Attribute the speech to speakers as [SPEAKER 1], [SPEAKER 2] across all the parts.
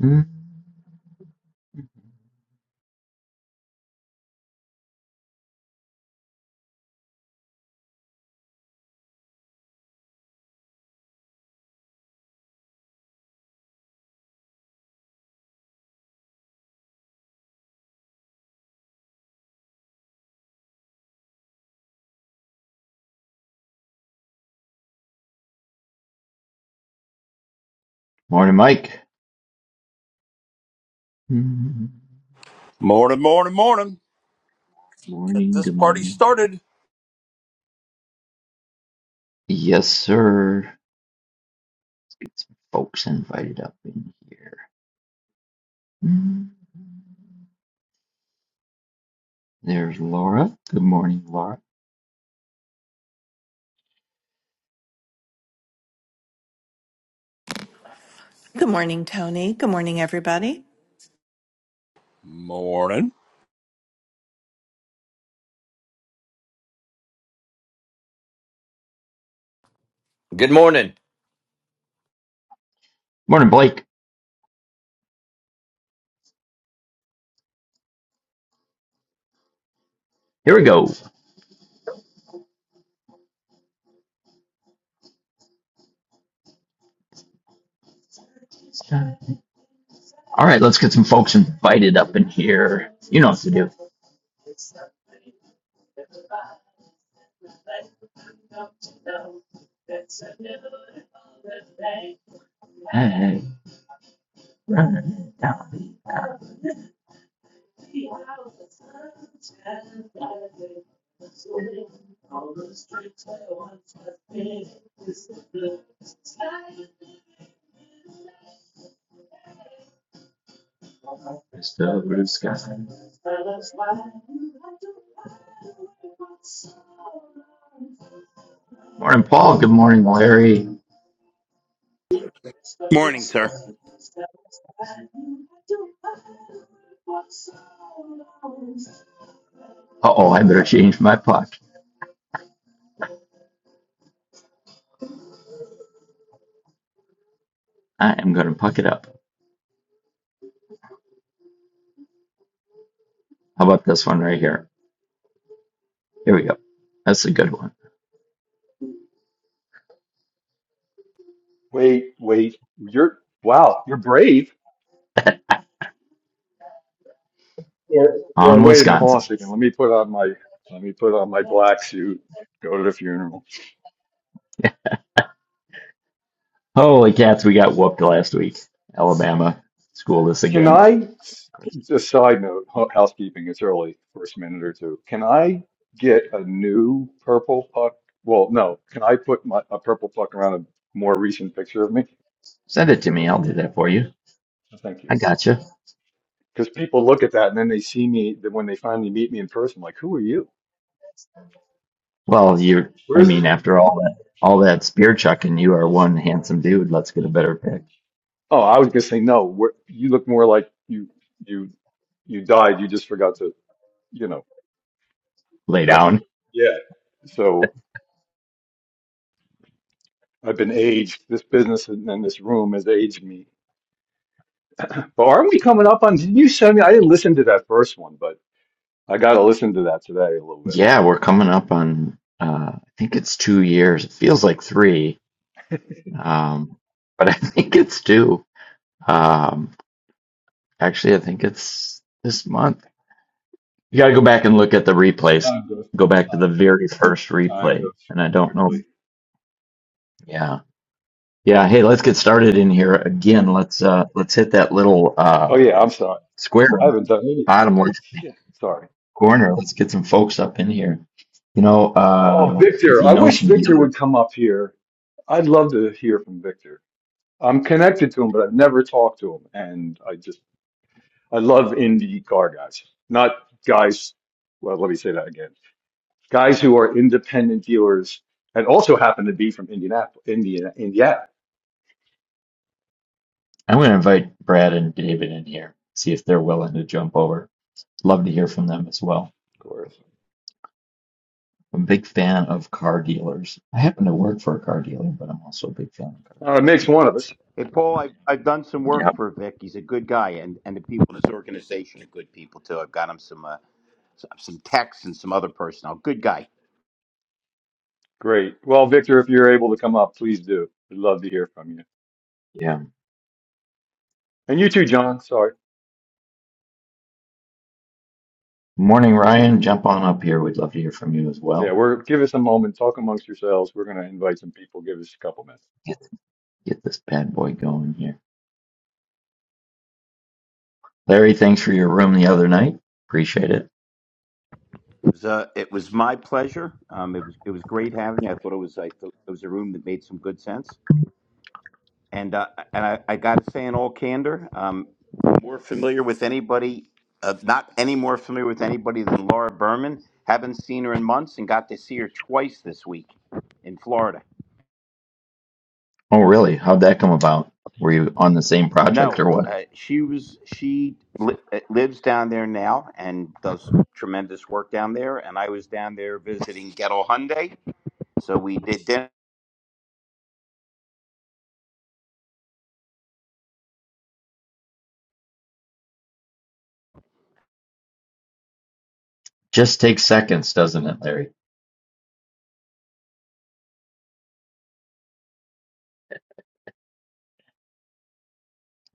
[SPEAKER 1] Mm. Morning, Mike. Mm.
[SPEAKER 2] Morning, morning, morning. Get
[SPEAKER 1] Morning,
[SPEAKER 2] this
[SPEAKER 1] good
[SPEAKER 2] party
[SPEAKER 1] morning.
[SPEAKER 2] started.
[SPEAKER 1] Yes, sir. Let's get some folks invited up in here. Mm. There's Laura. Good morning, Laura.
[SPEAKER 3] Good morning, Tony. Good morning, everybody.
[SPEAKER 2] Morning.
[SPEAKER 4] Good morning.
[SPEAKER 1] Morning, Blake. Here we go. All right, let's get some folks invited up in here. You know what to do. Hey, run down the avenue, it's the sky. Morning, Paul. Good morning, Larry.
[SPEAKER 5] Morning, sir.
[SPEAKER 1] Uh oh, I better change my puck. I am going to puck it up. How about this one right here? Here we go. That's a good one.
[SPEAKER 6] Wait, wait. You're wow. You're brave. Or, or
[SPEAKER 1] On
[SPEAKER 6] wait a minute. Hold on a
[SPEAKER 1] Wisconsin.
[SPEAKER 6] second. Let me put on my let me put on my black suit. Go to the funeral.
[SPEAKER 1] Holy cats, we got whooped last week. Alabama schooled us
[SPEAKER 6] Can
[SPEAKER 1] again.
[SPEAKER 6] I? Just side note. hou- Housekeeping. It's early. First minute or two. Can I get a new purple puck? Well, no. Can I put my a purple puck around a more recent picture of me?
[SPEAKER 1] Send it to me. I'll do that for you.
[SPEAKER 6] Yes, Thank you.
[SPEAKER 1] I gotcha.
[SPEAKER 6] Because people look at that and then they see me. Then when they finally meet me in person, like, who are you?
[SPEAKER 1] Well, you.
[SPEAKER 6] Where
[SPEAKER 1] I
[SPEAKER 6] is?
[SPEAKER 1] mean, after all that, all that spear chucking, you are one handsome dude. Let's get a better pick.
[SPEAKER 6] Oh, I was gonna say no. We're, you look more like you you you died. You just forgot to, you know,
[SPEAKER 1] Lay down.
[SPEAKER 6] actually. Yeah. So I've been aged. This business and and this room has aged me. But aren't we coming up on? Did you send me? I didn't listen to that first one, but I got to listen to that today a little bit.
[SPEAKER 1] Yeah, we're coming up on. Uh, I think it's two years. It feels like three, um, but I think it's two. Um, actually, I think it's this month You gotta go back and look at the replays.
[SPEAKER 6] Time goes,
[SPEAKER 1] Go back to the
[SPEAKER 6] time,
[SPEAKER 1] very first
[SPEAKER 6] time
[SPEAKER 1] replay.
[SPEAKER 6] goes
[SPEAKER 1] And I don't know if,
[SPEAKER 6] quickly.
[SPEAKER 1] yeah. Yeah, hey, let's get started in
[SPEAKER 6] Yeah.
[SPEAKER 1] here again. Let's uh let's hit that little
[SPEAKER 6] Oh
[SPEAKER 1] uh
[SPEAKER 6] yeah, I'm sorry.
[SPEAKER 1] square
[SPEAKER 6] I
[SPEAKER 1] in the
[SPEAKER 6] haven't done anything
[SPEAKER 1] bottom
[SPEAKER 6] yet.
[SPEAKER 1] left
[SPEAKER 6] Shit. Sorry.
[SPEAKER 1] corner. Let's get some folks up in here. You know,
[SPEAKER 6] Oh,
[SPEAKER 1] uh if
[SPEAKER 6] Victor.
[SPEAKER 1] you
[SPEAKER 6] I
[SPEAKER 1] know
[SPEAKER 6] wish
[SPEAKER 1] some
[SPEAKER 6] Victor
[SPEAKER 1] dealers,
[SPEAKER 6] would come up here. I'd love to hear from Victor. I'm connected to him, but I've never talked to him. And I just, I love indie car guys, not guys. Well, let me say that again. Guys who are independent dealers and also happen to be from Indianapolis, Indiana, Indiana.
[SPEAKER 1] I'm gonna invite Brad and David in here, see if they're willing to jump over. Love to hear from them as well.
[SPEAKER 6] Of course.
[SPEAKER 1] I'm a big fan of car dealers. I happen to work for a car dealer, but I'm also a big fan of car
[SPEAKER 6] Uh, it
[SPEAKER 1] dealers.
[SPEAKER 6] makes one of us.
[SPEAKER 5] Hey, Paul, I've, I've done some
[SPEAKER 1] Yep.
[SPEAKER 5] work for Vic. He's a good guy, and, and the people in his organization are good people too. I've got him some uh, s- some texts and some other personnel. Good guy.
[SPEAKER 6] Great. Well, Victor, if you're able to come up, please do. We'd love to hear from you.
[SPEAKER 1] Yeah.
[SPEAKER 6] And you too, John. Sorry.
[SPEAKER 1] Morning, Ryan. Jump on up here. We'd love to hear from you as
[SPEAKER 6] Yeah,
[SPEAKER 1] well.
[SPEAKER 6] we're give us a moment. Talk amongst yourselves. We're going to invite some people. Give us a couple minutes.
[SPEAKER 1] Get get this bad boy going here. Larry, thanks for your room the other night. Appreciate it.
[SPEAKER 5] It was, uh, it was my pleasure. Um, it was it was great having you. I thought it was I thought it was a room that made some good sense. And uh, and I, I got to say, in all candor, um, more familiar with anybody, uh, not any more familiar with anybody than Laura Berman. Haven't seen her in months, and got to see her twice this week in Florida.
[SPEAKER 1] Oh, really? How'd that come about? Were you on the same project
[SPEAKER 5] No,
[SPEAKER 1] or what?
[SPEAKER 5] uh, she was she li- uh, lives down there now and does tremendous work down there. And I was down there visiting Gettle Hyundai, so we did dinner.
[SPEAKER 1] Just takes seconds, doesn't it, Larry?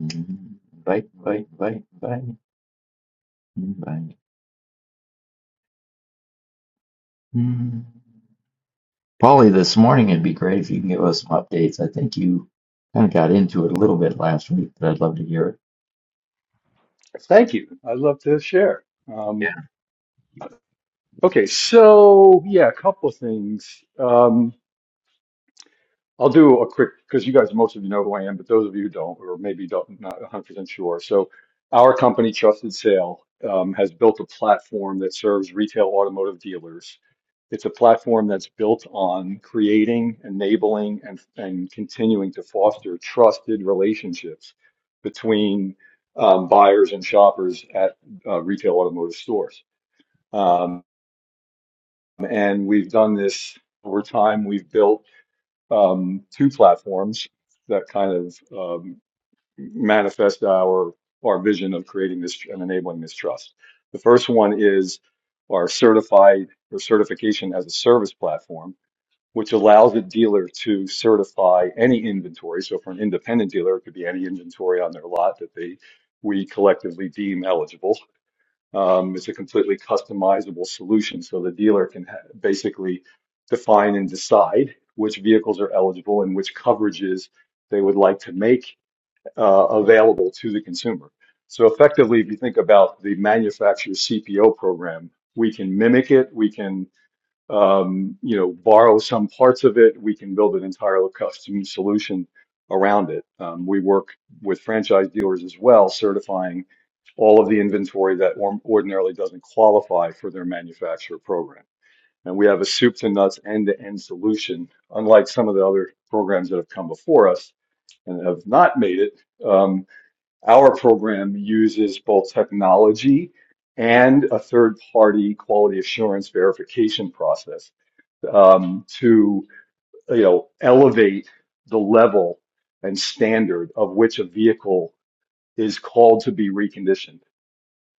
[SPEAKER 1] Mhm. Invite, invite, invite, invite, invite. Mm. Polly, this morning it'd be great if you can give us some updates. I think you kind of got into it a little bit last week, but I'd love to hear
[SPEAKER 6] Thank you. I'd love to share.
[SPEAKER 1] it.
[SPEAKER 6] Um, Okay, so yeah, a couple of things. Um, I'll do a quick because you guys, most of you know who I am, but those of you who don't, or maybe don't, not 100% sure. So, our company, Trusted Sale, um, has built a platform that serves retail automotive dealers. It's a platform that's built on creating, enabling, and and continuing to foster trusted relationships between um, buyers and shoppers at uh, retail automotive stores. Um, and we've done this over time. We've built um, two platforms that kind of um, manifest our our vision of creating this and enabling this trust. The first one is our certified or certification as a service platform, which allows a dealer to certify any inventory. So for an independent dealer, it could be any inventory on their lot that they we collectively deem eligible um, it's a completely customizable solution. So the dealer can ha basically define and decide which vehicles are eligible and which coverages they would like to make uh, available to the consumer. So effectively, if you think about the manufacturer's CPO program, we can mimic it. We can um, you know, borrow some parts of it. We can build an entire custom solution around it. Um, we work with franchise dealers as well, certifying all of the inventory that or- ordinarily doesn't qualify for their manufacturer program. And we have a soup to nuts end to end solution, unlike some of the other programs that have come before us and have not made it. Um, our program uses both technology and a third party quality assurance verification process um, to you know elevate the level and standard of which a vehicle is called to be reconditioned.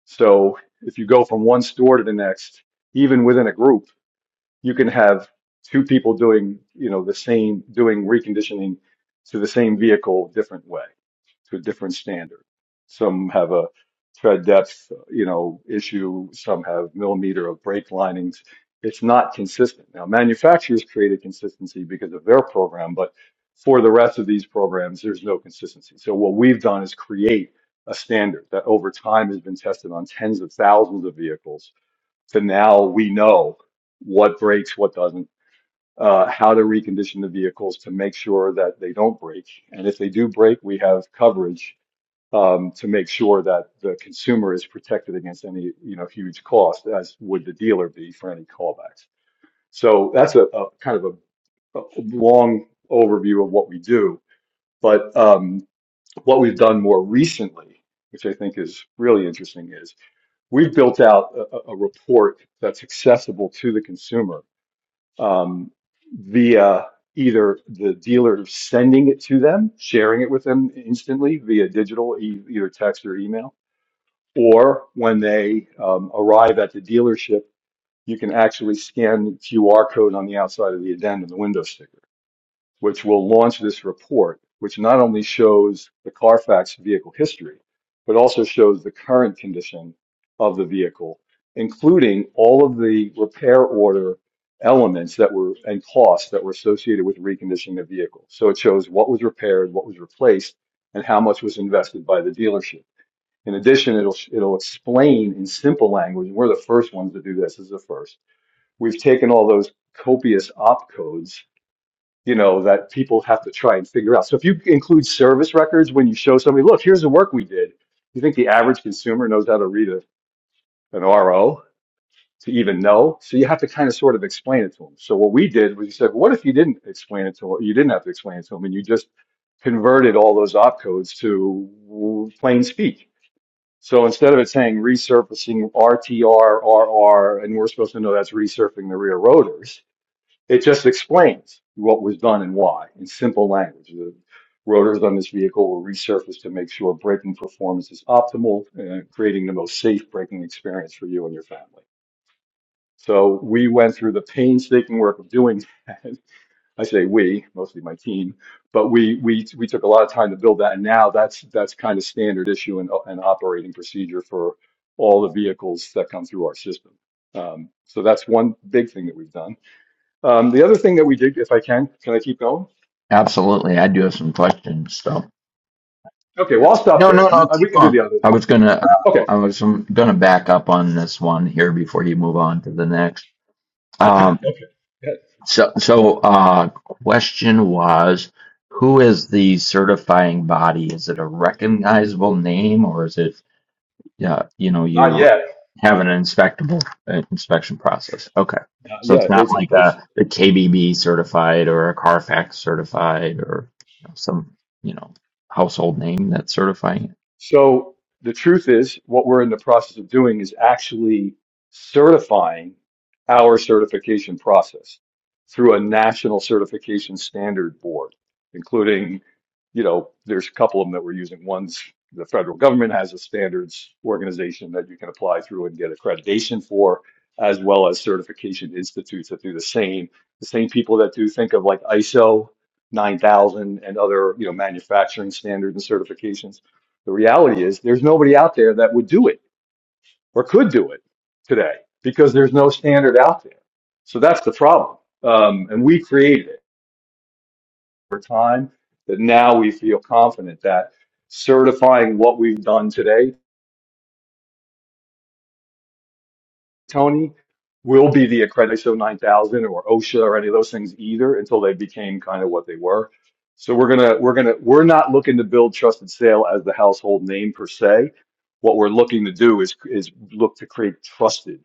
[SPEAKER 6] So if you go from one store to the next, even within a group you can have two people doing, you know, the same, doing reconditioning to the same vehicle, different way, to a different standard. Some have a tread depth, you know, issue. Some have millimeter of brake linings. It's not consistent. Now, manufacturers created consistency because of their program, but for the rest of these programs, there's no consistency. So what we've done is create a standard that over time has been tested on tens of thousands of vehicles so now we know what breaks, what doesn't, uh, how to recondition the vehicles to make sure that they don't break. And if they do break, we have coverage um, to make sure that the consumer is protected against any, you know, huge cost, as would the dealer be for any callbacks. So that's a, a kind of a, a long overview of what we do. But um, what we've done more recently, which I think is really interesting, is we've built out a, a report that's accessible to the consumer um, via either the dealer sending it to them, sharing it with them instantly via digital, e- either text or email, or when they um, arrive at the dealership, you can actually scan the QR code on the outside of the addendum, the window sticker which will launch this report, which not only shows the Carfax vehicle history, but also shows the current condition of the vehicle, including all of the repair order elements that were and costs that were associated with reconditioning the vehicle. So it shows what was repaired, what was replaced, and how much was invested by the dealership. In addition, it'll it'll explain in simple language. We're the first ones to do this. This is the first. We've taken all those copious opcodes you know, that people have to try and figure out. So if you include service records when you show somebody, look, here's the work we did. You think the average consumer knows how to read a, an RO to even know? So you have to kind of sort of explain it to them. So what we did was we said, what if you didn't explain it to them? You didn't have to explain it to them and you just converted all those opcodes to plain speak. So instead of it saying resurfacing RTR, RR, and we're supposed to know that's resurfacing the rear rotors, it just explains what was done and why in simple language. The rotors on this vehicle were resurfaced to make sure braking performance is optimal, uh, creating the most safe braking experience for you and your family. So we went through the painstaking work of doing that. I say we, mostly my team, but we we we took a lot of time to build that, and now that's that's kind of standard issue and and operating procedure for all the vehicles that come through our system. Um, so that's one big thing that we've done. Um, the other thing that we did, if I can, can I keep going?
[SPEAKER 1] Absolutely. I do have some questions. So
[SPEAKER 6] Okay, well, I'll stop
[SPEAKER 1] No,
[SPEAKER 6] there
[SPEAKER 1] no,
[SPEAKER 6] then.
[SPEAKER 1] no,
[SPEAKER 6] Uh, we
[SPEAKER 1] keep
[SPEAKER 6] can do
[SPEAKER 1] going.
[SPEAKER 6] the others.
[SPEAKER 1] I was gonna, uh,
[SPEAKER 6] Okay.
[SPEAKER 1] I was gonna back up on this one here before you move on to the next. Um, so, so, uh, question was, who is the certifying body? Is it a recognizable name or is it yeah, you know,
[SPEAKER 6] Not
[SPEAKER 1] you
[SPEAKER 6] yet.
[SPEAKER 1] have an inspectable uh, inspection process. Okay.
[SPEAKER 6] Not
[SPEAKER 1] So it's
[SPEAKER 6] yet.
[SPEAKER 1] not
[SPEAKER 6] It's,
[SPEAKER 1] like
[SPEAKER 6] it's
[SPEAKER 1] a, KBB certified or a Carfax certified or you know, some, you know, household name that's certifying it.
[SPEAKER 6] So the truth is, what we're in the process of doing is actually certifying our certification process through a national certification standard board, including, you know, there's a couple of them that we're using. One's the federal government has a standards organization that you can apply through and get accreditation for, as well as certification institutes that do the same. The same people that do think of like ISO 9000 and other, you know, manufacturing standards and certifications the reality is there's nobody out there that would do it or could do it today because there's no standard out there. So that's the problem. Um, and we created it over time that now we feel confident that certifying what we've done today, Tony, will be the accredited ISO 9000 or OSHA or any of those things either until they became kind of what they were. So we're gonna we're gonna we're not looking to build trusted sale as the household name per se. What we're looking to do is is look to create trusted.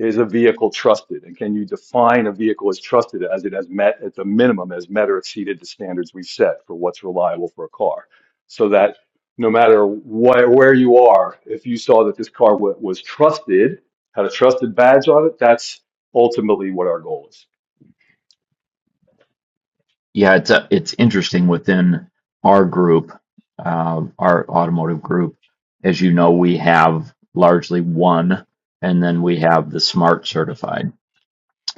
[SPEAKER 6] Is a vehicle trusted? And can you define a vehicle as trusted as it has met at the minimum, has met or exceeded the standards we set for what's reliable for a car? So that no matter wh- where you are, if you saw that this car wa- was trusted, had a trusted badge on it, that's ultimately what our goal is.
[SPEAKER 1] Yeah, it's uh it's interesting within our group, uh, our automotive group. As you know, we have largely one, and then we have the Smart Certified.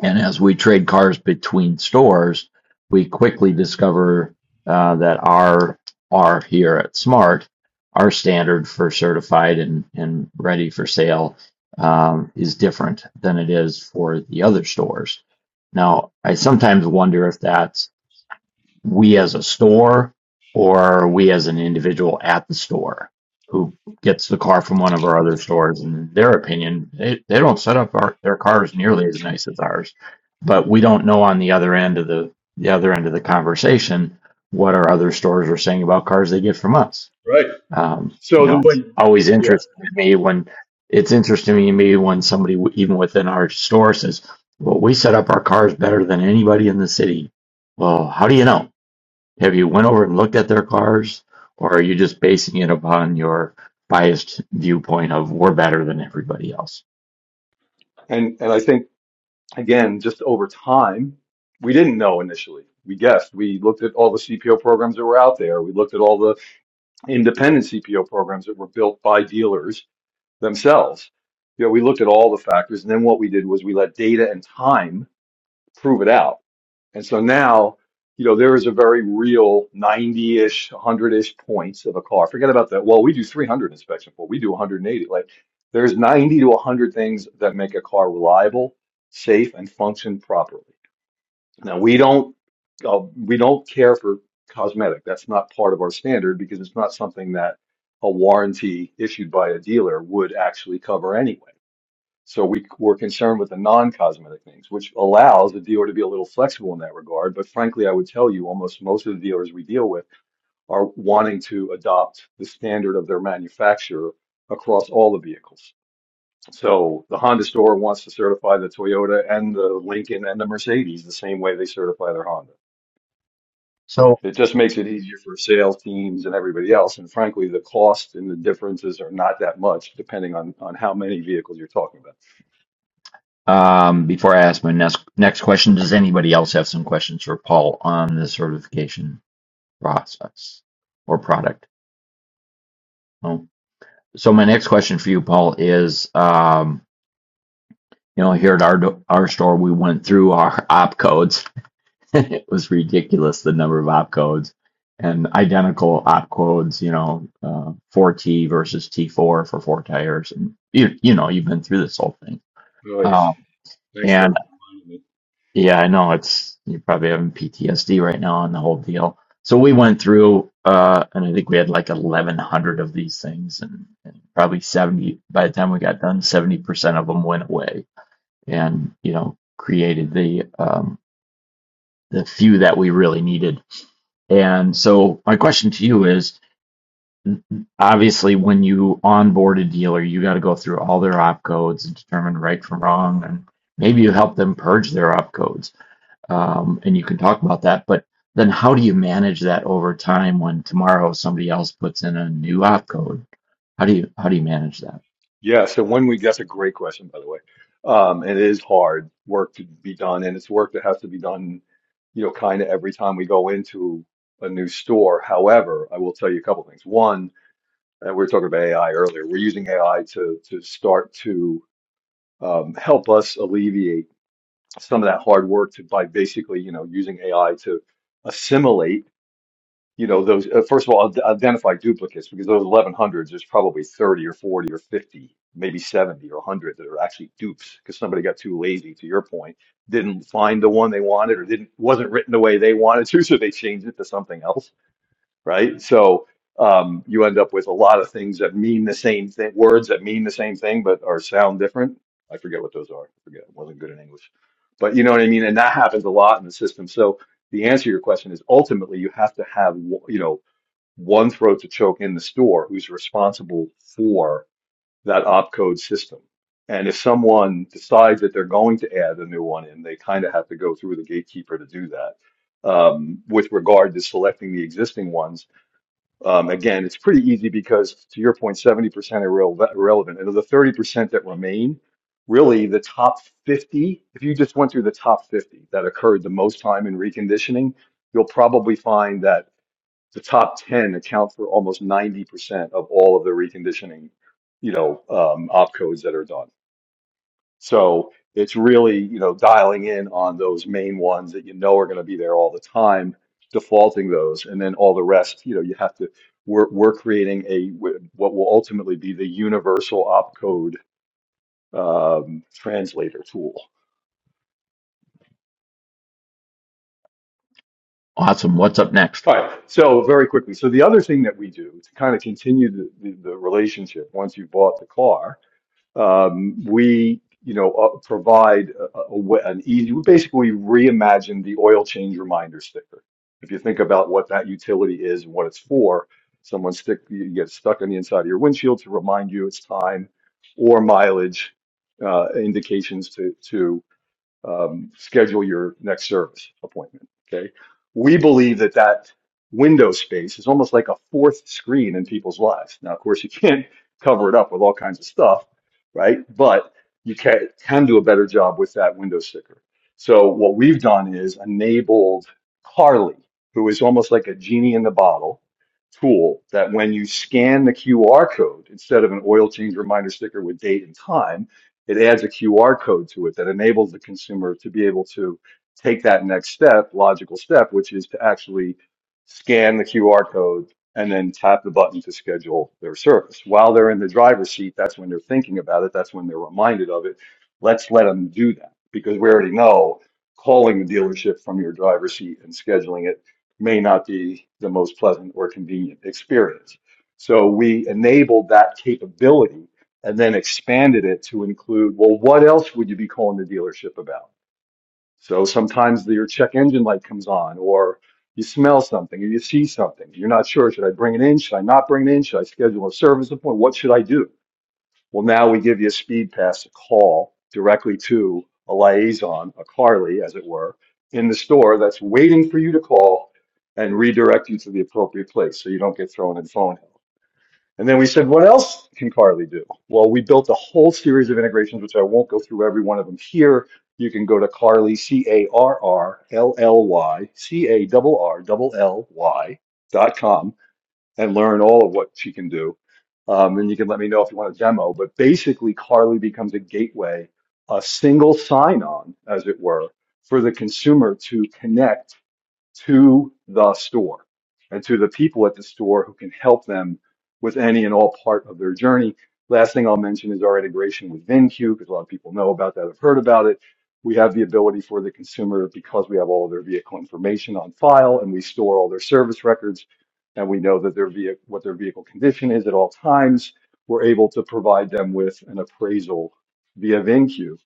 [SPEAKER 1] And as we trade cars between stores, we quickly discover uh, that our R here at Smart, our standard for certified and, and ready for sale, um, is different than it is for the other stores. Now, I sometimes wonder if that's we as a store or we as an individual at the store who gets the car from one of our other stores. In their opinion, they, they don't set up our, their cars nearly as nice as ours, but we don't know on the other end of the, the other end of the conversation what our other stores are saying about cars they get from us.
[SPEAKER 6] Right.
[SPEAKER 1] Um,
[SPEAKER 6] So
[SPEAKER 1] you know,
[SPEAKER 6] the
[SPEAKER 1] it's
[SPEAKER 6] way,
[SPEAKER 1] always
[SPEAKER 6] Yeah.
[SPEAKER 1] interesting to me when it's interesting to me when somebody w- even within our store says, "Well, we set up our cars better than anybody in the city." Well, how do you know? Have you went over and looked at their cars, or are you just basing it upon your biased viewpoint of we're better than everybody else?
[SPEAKER 6] And, and I think again, just over time, we didn't know initially. We guessed. We looked at all the CPO programs that were out there. We looked at all the independent CPO programs that were built by dealers themselves. You know, we looked at all the factors, and then what we did was we let data and time prove it out and so now, you know, there is a very real 90-ish, 100-ish points of a car. Forget about that. Well, we do 300 inspection, but we do 180. Like there's 90 to 100 things that make a car reliable, safe, and function properly. Now we don't uh, we don't care for cosmetic. That's not part of our standard because it's not something that a warranty issued by a dealer would actually cover anyway. So we were concerned with the non-cosmetic things, which allows the dealer to be a little flexible in that regard. But frankly, I would tell you almost most of the dealers we deal with are wanting to adopt the standard of their manufacturer across all the vehicles. So the Honda store wants to certify the Toyota and the Lincoln and the Mercedes the same way they certify their Honda.
[SPEAKER 1] So,
[SPEAKER 6] It just makes it easier for sales teams and everybody else. And frankly, the cost and the differences are not that much depending on, on how many vehicles you're talking about.
[SPEAKER 1] um, before I ask my next next question, does anybody else have some questions for Paul on the certification process or product? No. So my next question for you, Paul, is um, you know here at our our store we went through our opcodes It was ridiculous the number of opcodes and identical opcodes, you know, uh, 4T versus T4 for four tires. And you, you know, you've been through this whole thing.
[SPEAKER 6] Really,
[SPEAKER 1] Um,
[SPEAKER 6] thanks for
[SPEAKER 1] and
[SPEAKER 6] reminding me.
[SPEAKER 1] yeah, I know it's, you're probably having PTSD right now on the whole deal. So we went through, uh, and I think we had like 1,100 of these things and, and probably 70, by the time we got done, 70% of them went away and, you know, created the, um, the few that we really needed. And so my question to you is obviously when you onboard a dealer, you got to go through all their opcodes and determine right from wrong and maybe you help them purge their opcodes. Um, and you can talk about that, but then how do you manage that over time when tomorrow somebody else puts in a new opcode? How do you how do you manage that?
[SPEAKER 6] Yeah, so one week, that's a great question, by the way. Um, it is hard work to be done, and it's work that has to be done, you know, kind of every time we go into a new store. However, I will tell you a couple things. One, and we were talking about AI earlier, we're using AI to to start to um, help us alleviate some of that hard work to, by basically, you know, using AI to assimilate you know, those, uh, first of all, ad- identify duplicates because those 1100s, there's probably 30 or 40 or 50, maybe 70 or 100 that are actually dupes because somebody got too lazy, to your point, didn't find the one they wanted or didn't, wasn't written the way they wanted to, so they changed it to something else right? So um, you end up with a lot of things that mean the same thing, words that mean the same thing but are sound different. I forget what those are. I forget. I wasn't good in English, but you know what I mean. And that happens a lot in the system. So the answer to your question is ultimately you have to have w- you know one throat to choke in the store who's responsible for that opcode system. And if someone decides that they're going to add a new one in, they kind of have to go through the gatekeeper to do that. Um, with regard to selecting the existing ones, um, again, it's pretty easy because, to your 70% are irrele- irrelevant. And of the 30% that remain, really the top 50, if you just went through the top 50 that occurred the most time in reconditioning, you'll probably find that the top 10 account for almost 90% of all of the reconditioning, you know, um, opcodes that are done. So it's really, you know, dialing in on those main ones that you know are going to be there all the time, defaulting those, and then all the rest, you know, you have to, we're, we're creating a, what will ultimately be the universal opcode um, translator tool.
[SPEAKER 1] Awesome. What's up next?
[SPEAKER 6] All right, so very quickly. So the other thing that we do to kind of continue the, the, the relationship once you've bought the car Um, we, you know, uh, provide a, a, a wa- an easy, we basically reimagined the oil change reminder sticker. If you think about what that utility is and what it's for, someone stick, you get stuck on the inside of your windshield to remind you it's time or mileage uh, indications to, to um, schedule your next service appointment. Okay. We believe that that window space is almost like a fourth screen in people's lives. Now, of course, you can't cover it up with all kinds of stuff, right? But you can, can do a better job with that window sticker. So what we've done is enabled Carly, who is almost like a genie in the bottle tool that when you scan the QR code instead of an oil change reminder sticker with date and time, it adds a QR code to it that enables the consumer to be able to take that next step, logical step, which is to actually scan the QR code and then tap the button to schedule their service. While they're in the driver's seat, that's when they're thinking about it, that's when they're reminded of it. Let's let them do that because we already know calling the dealership from your driver's seat and scheduling it may not be the most pleasant or convenient experience. So we enabled that capability and then expanded it to include, well, what else would you be calling the dealership about? So sometimes the- your check engine light comes on, or you smell something, or you see something. You're not sure, should I bring it in? Should I not bring it in? Should I schedule a service appointment? What should I do? Well, now we give you a speed pass, a call directly to a liaison, a Carly, as it were, in the store that's waiting for you to call and redirect you to the appropriate place so you don't get thrown in phone. And then we said, what else can Carly do? Well, we built a whole series of integrations, which I won't go through every one of them here. You can go to Carly, C A R R L L Y, C A R R L L Y dot com and learn all of what she can do. Um, and you can let me know if you want a demo. But basically, Carly becomes a gateway, a single sign on, as it were, for the consumer to connect to the store and to the people at the store who can help them with any and all part of their journey. Last thing I'll mention is our integration with VinQ because a lot of people know about that, have heard about it. We have the ability for the consumer because we have all of their vehicle information on file and we store all their service records and we know that their vehicle, what their vehicle condition is at all times. We're able to provide them with an appraisal via VinQ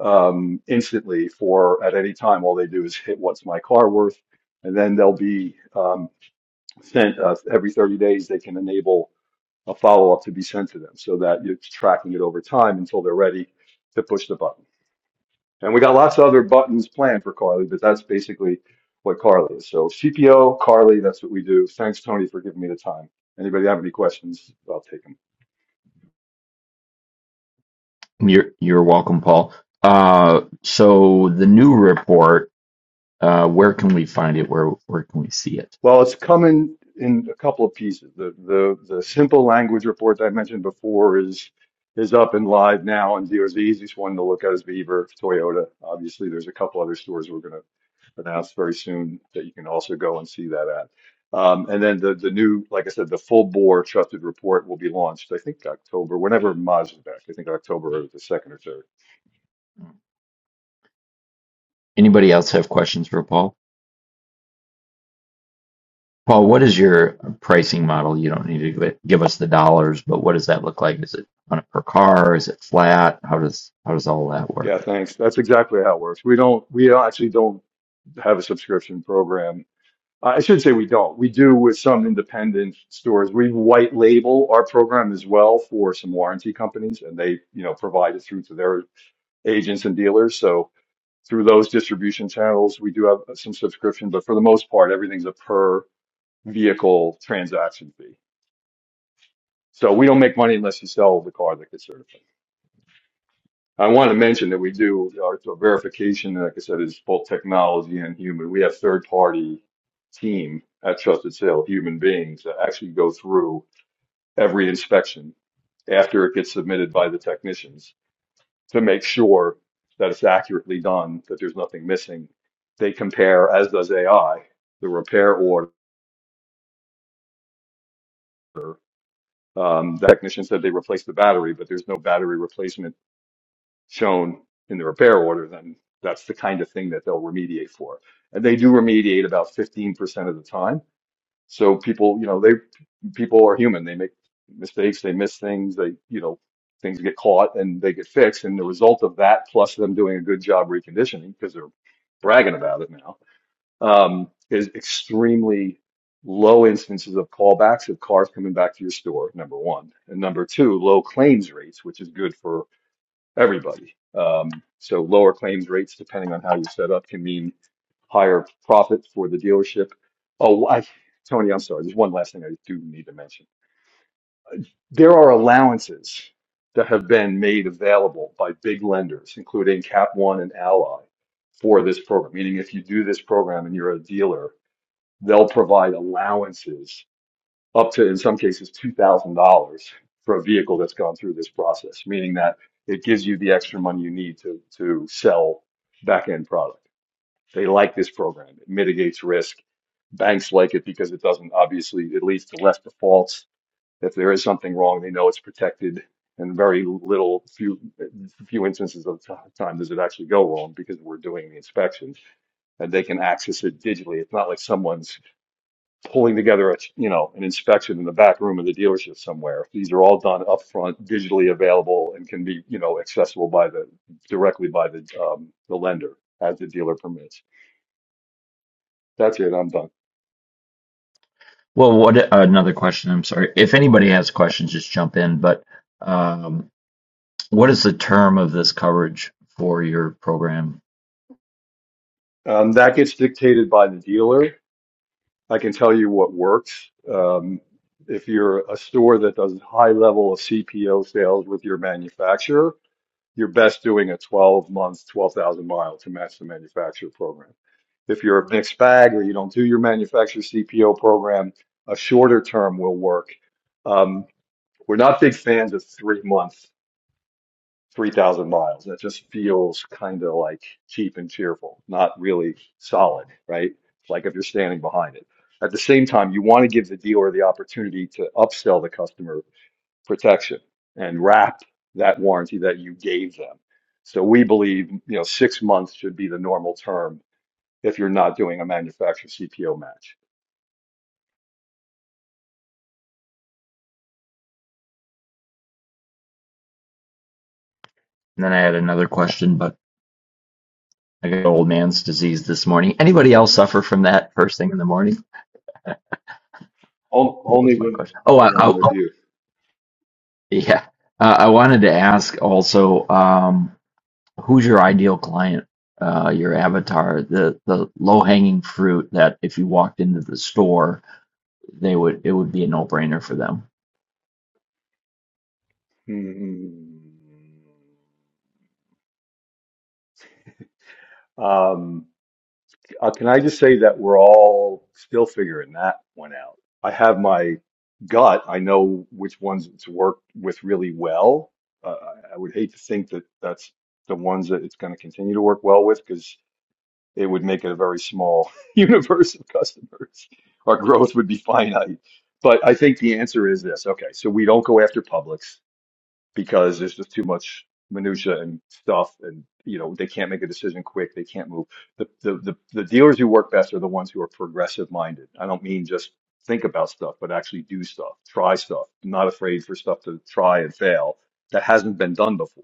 [SPEAKER 6] um, instantly for at any time. All they do is hit what's my car worth, and then they'll be um, sent uh, every 30 days. They can enable a follow up to be sent to them so that you're tracking it over time until they're ready to push the button. And we got lots of other buttons planned for Carly, but that's basically what Carly is. So CPO, Carly, that's what we do. Thanks, Tony, for giving me the time. Anybody have any questions? I'll take take them.
[SPEAKER 1] You're you're welcome, Paul. Uh, so the new report Uh, where can we find it? Where where can we see it?
[SPEAKER 6] Well, it's coming in a couple of pieces. The the the simple language report that I mentioned before is is up and live now, and the, the easiest one to look at is Beaver Toyota. Obviously, there's a couple other stores we're going to announce very soon that you can also go and see that at. Um, and then the the new, like I said, the full bore trusted report will be launched. I think October, whenever Moz is back. I think October the second or third.
[SPEAKER 1] Anybody else have questions for Paul? Paul, what is your pricing model? You don't need to give, it, give us the dollars, but what does that look like? Is it on a per car? Is it flat? How does how does all that
[SPEAKER 6] Yeah,
[SPEAKER 1] work?
[SPEAKER 6] thanks. That's exactly how it works. We don't we actually don't have a subscription program Uh, I should say we don't. We do with some independent stores. We white label our program as well for some warranty companies, and they, you know, provide it through to their agents and dealers. So through those distribution channels, we do have some subscription, but for the most part, everything's a per vehicle transaction fee. So we don't make money unless you sell the car that gets certified. I want to mention that we do our our verification, like I said, is both technology and human. We have third party team at Trusted Sale, human beings that actually go through every inspection after it gets submitted by the technicians to make sure that it's accurately done, that there's nothing missing. They compare, as does AI, the repair order. Um, the technician said they replaced the battery, but there's no battery replacement shown in the repair order, then that's the kind of thing that they'll remediate for. And they do remediate about 15% of the time. So people, you know, they people are human. They make mistakes, they miss things, they, you know, things get caught and they get fixed. And the result of that, plus them doing a good job reconditioning, because they're bragging about it now, um, is extremely low instances of callbacks of cars coming back to your store, number one. And number two, low claims rates, which is good for everybody. Um, so lower claims rates, depending on how you set up, can mean higher profit for the dealership. Oh, I, Tony, I'm sorry. There's one last thing I do need to mention. There are allowances that have been made available by big lenders, including Cap One and Ally, for this program. Meaning, if you do this program and you're a dealer, they'll provide allowances up to, in some cases, $2,000 for a vehicle that's gone through this process, meaning that it gives you the extra money you need to, to sell back-end product. They like this program. It mitigates risk. Banks like it because it doesn't, obviously, it leads to less defaults. If there is something wrong, they know it's protected. And very little, few, few instances of time does it actually go wrong because we're doing the inspections and they can access it digitally. It's not like someone's pulling together a you know an inspection in the back room of the dealership somewhere. These are all done upfront, digitally available, and can be you know accessible by the directly by the um, the lender as the dealer permits. That's it. I'm done.
[SPEAKER 1] Well, what another question? I'm sorry. If anybody has questions, just jump in. But um, What is the term of this coverage for your program?
[SPEAKER 6] Um, that gets dictated by the dealer. I can tell you what works. Um, if you're a store that does high level of CPO sales with your manufacturer, you're best doing a 12 month, 12,000 mile to match the manufacturer program. If you're a mixed bag or you don't do your manufacturer CPO program, a shorter term will work. Um, we're not big fans of three month, 3,000 miles. That just feels kind of like cheap and cheerful, not really solid, right? It's like if you're standing behind it. At the same time, you want to give the dealer the opportunity to upsell the customer protection and wrap that warranty that you gave them. So we believe, you know, six months should be the normal term if you're not doing a manufacturer CPO match.
[SPEAKER 1] And then I had another question, but I got old man's disease this morning. Anybody else suffer from that first thing in the morning?
[SPEAKER 6] On-
[SPEAKER 1] What
[SPEAKER 6] Only
[SPEAKER 1] was my
[SPEAKER 6] when,
[SPEAKER 1] question? Oh, I,
[SPEAKER 6] only when I'm
[SPEAKER 1] I,
[SPEAKER 6] with you.
[SPEAKER 1] yeah. Uh, I wanted to ask also, um, who's your ideal client? Uh, your avatar, the the low hanging fruit that if you walked into the store they would it would be a no brainer for them.
[SPEAKER 6] Hmm. Um, uh, can I just say that we're all still figuring that one out? I have my gut. I know which ones it's worked with really well. Uh, I I would hate to think that that's the ones that it's going to continue to work well with because it would make it a very small universe of customers. Our growth would be finite. But I think the answer is this. Okay, so we don't go after Publix because there's just too much minutia and stuff, and you know they can't make a decision quick. They can't move. The the the, the dealers who work best are the ones who are progressive minded. I don't mean just think about stuff, but actually do stuff, try stuff, not afraid for stuff to try and fail that hasn't been done before.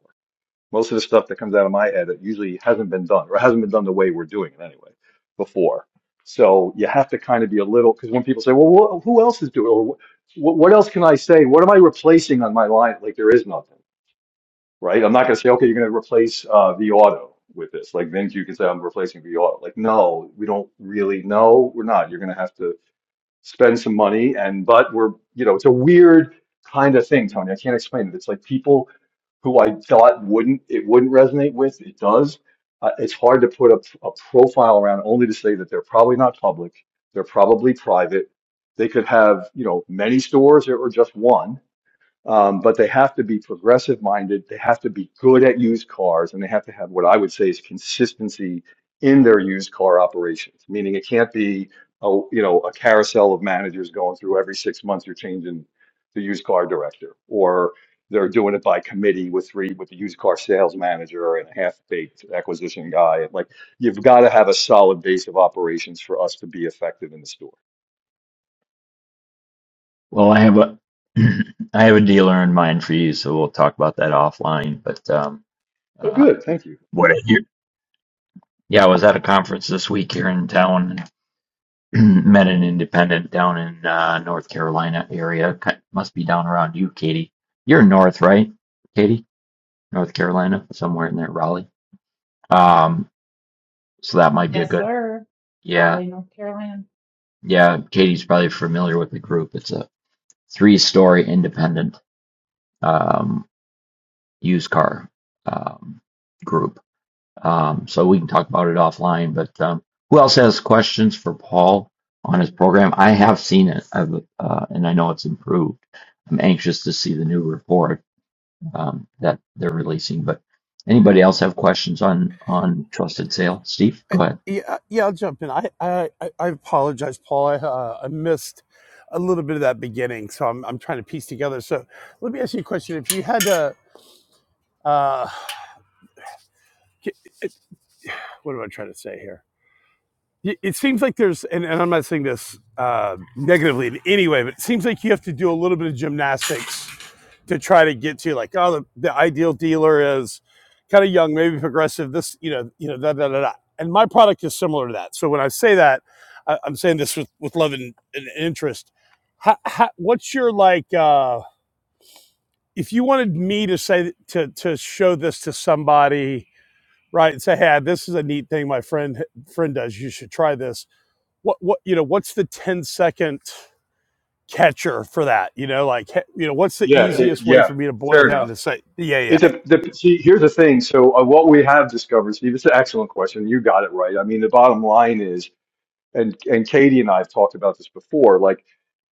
[SPEAKER 6] Most of the stuff that comes out of my head that usually hasn't been done or hasn't been done the way we're doing it anyway before. So you have to kind of be a little because when people say, "Well, wh who else is doing?" or "What what else can I say? What am I replacing on my line?" Like there is nothing, right? I'm not going to say, "Okay, you're going to replace uh, the auto with this." Like then you can say, "I'm replacing the auto." Like no, we don't really know. We're not. You're going to have to spend some money and but we're you know it's a weird kind of thing tony i can't explain it it's like people who i thought wouldn't it wouldn't resonate with it does uh, it's hard to put a, a profile around only to say that they're probably not public they're probably private they could have you know many stores or, or just one um, but they have to be progressive minded. They have to be good at used cars, and they have to have what I would say is consistency in their used car operations. Meaning, it can't be a you know a carousel of managers going through every six months. You're changing the used car director, or they're doing it by committee with three with the used car sales manager and a half baked acquisition guy. Like you've got to have a solid base of operations for us to be effective in the store.
[SPEAKER 1] Well, I have a I have a dealer in mind for you, so we'll talk about that offline. But um,
[SPEAKER 6] Oh,
[SPEAKER 1] uh,
[SPEAKER 6] good. Thank you.
[SPEAKER 1] what I hear, yeah, I was at a conference this week here in town met an independent down in uh, North Carolina area. Ki- Must be down around you, Katie. You're north, right, Katie? North Carolina, somewhere in there, Raleigh. Um, so that might be a
[SPEAKER 7] Yes,
[SPEAKER 1] good,
[SPEAKER 7] sir.
[SPEAKER 1] yeah,
[SPEAKER 7] Raleigh, North Carolina.
[SPEAKER 1] yeah. Katie's probably familiar with the group. It's a three-story independent um, used car um, group. Um, so we can talk about it offline. But um, who else has questions for Paul on his program? I have seen it, I've, uh, and I know it's improved. I'm anxious to see the new report um, that they're releasing. But anybody else have questions on on trusted sale? Steve,
[SPEAKER 8] I-
[SPEAKER 1] go ahead.
[SPEAKER 8] Yeah, uh, yeah, I'll jump in. I I, I apologize, Paul. I uh, I missed a little bit of that beginning, so I'm I'm trying to piece together. So let me ask you a question. If you had to, uh, what am I trying to say here? it seems like there's and, and i'm not saying this uh, negatively in any way but it seems like you have to do a little bit of gymnastics to try to get to like oh the, the ideal dealer is kind of young maybe progressive this you know you know da, da, da, da. and my product is similar to that so when i say that I, i'm saying this with, with love and, and interest how, how, what's your like uh, if you wanted me to say to to show this to somebody right and say hey this is a neat thing my friend friend does you should try this what what you know what's the 10 second catcher for that you know like you know what's the
[SPEAKER 6] Yeah. It,
[SPEAKER 8] easiest way for
[SPEAKER 6] yeah.
[SPEAKER 8] me to boil
[SPEAKER 6] Fair
[SPEAKER 8] down
[SPEAKER 6] enough.
[SPEAKER 8] to say yeah yeah
[SPEAKER 6] It
[SPEAKER 8] hey,
[SPEAKER 6] de- de- see, here's the thing. So, uh, what we have discovered, Steve, it's an excellent question. You got it right. I mean, the bottom line is, and and Katie and I have talked about this before. Like,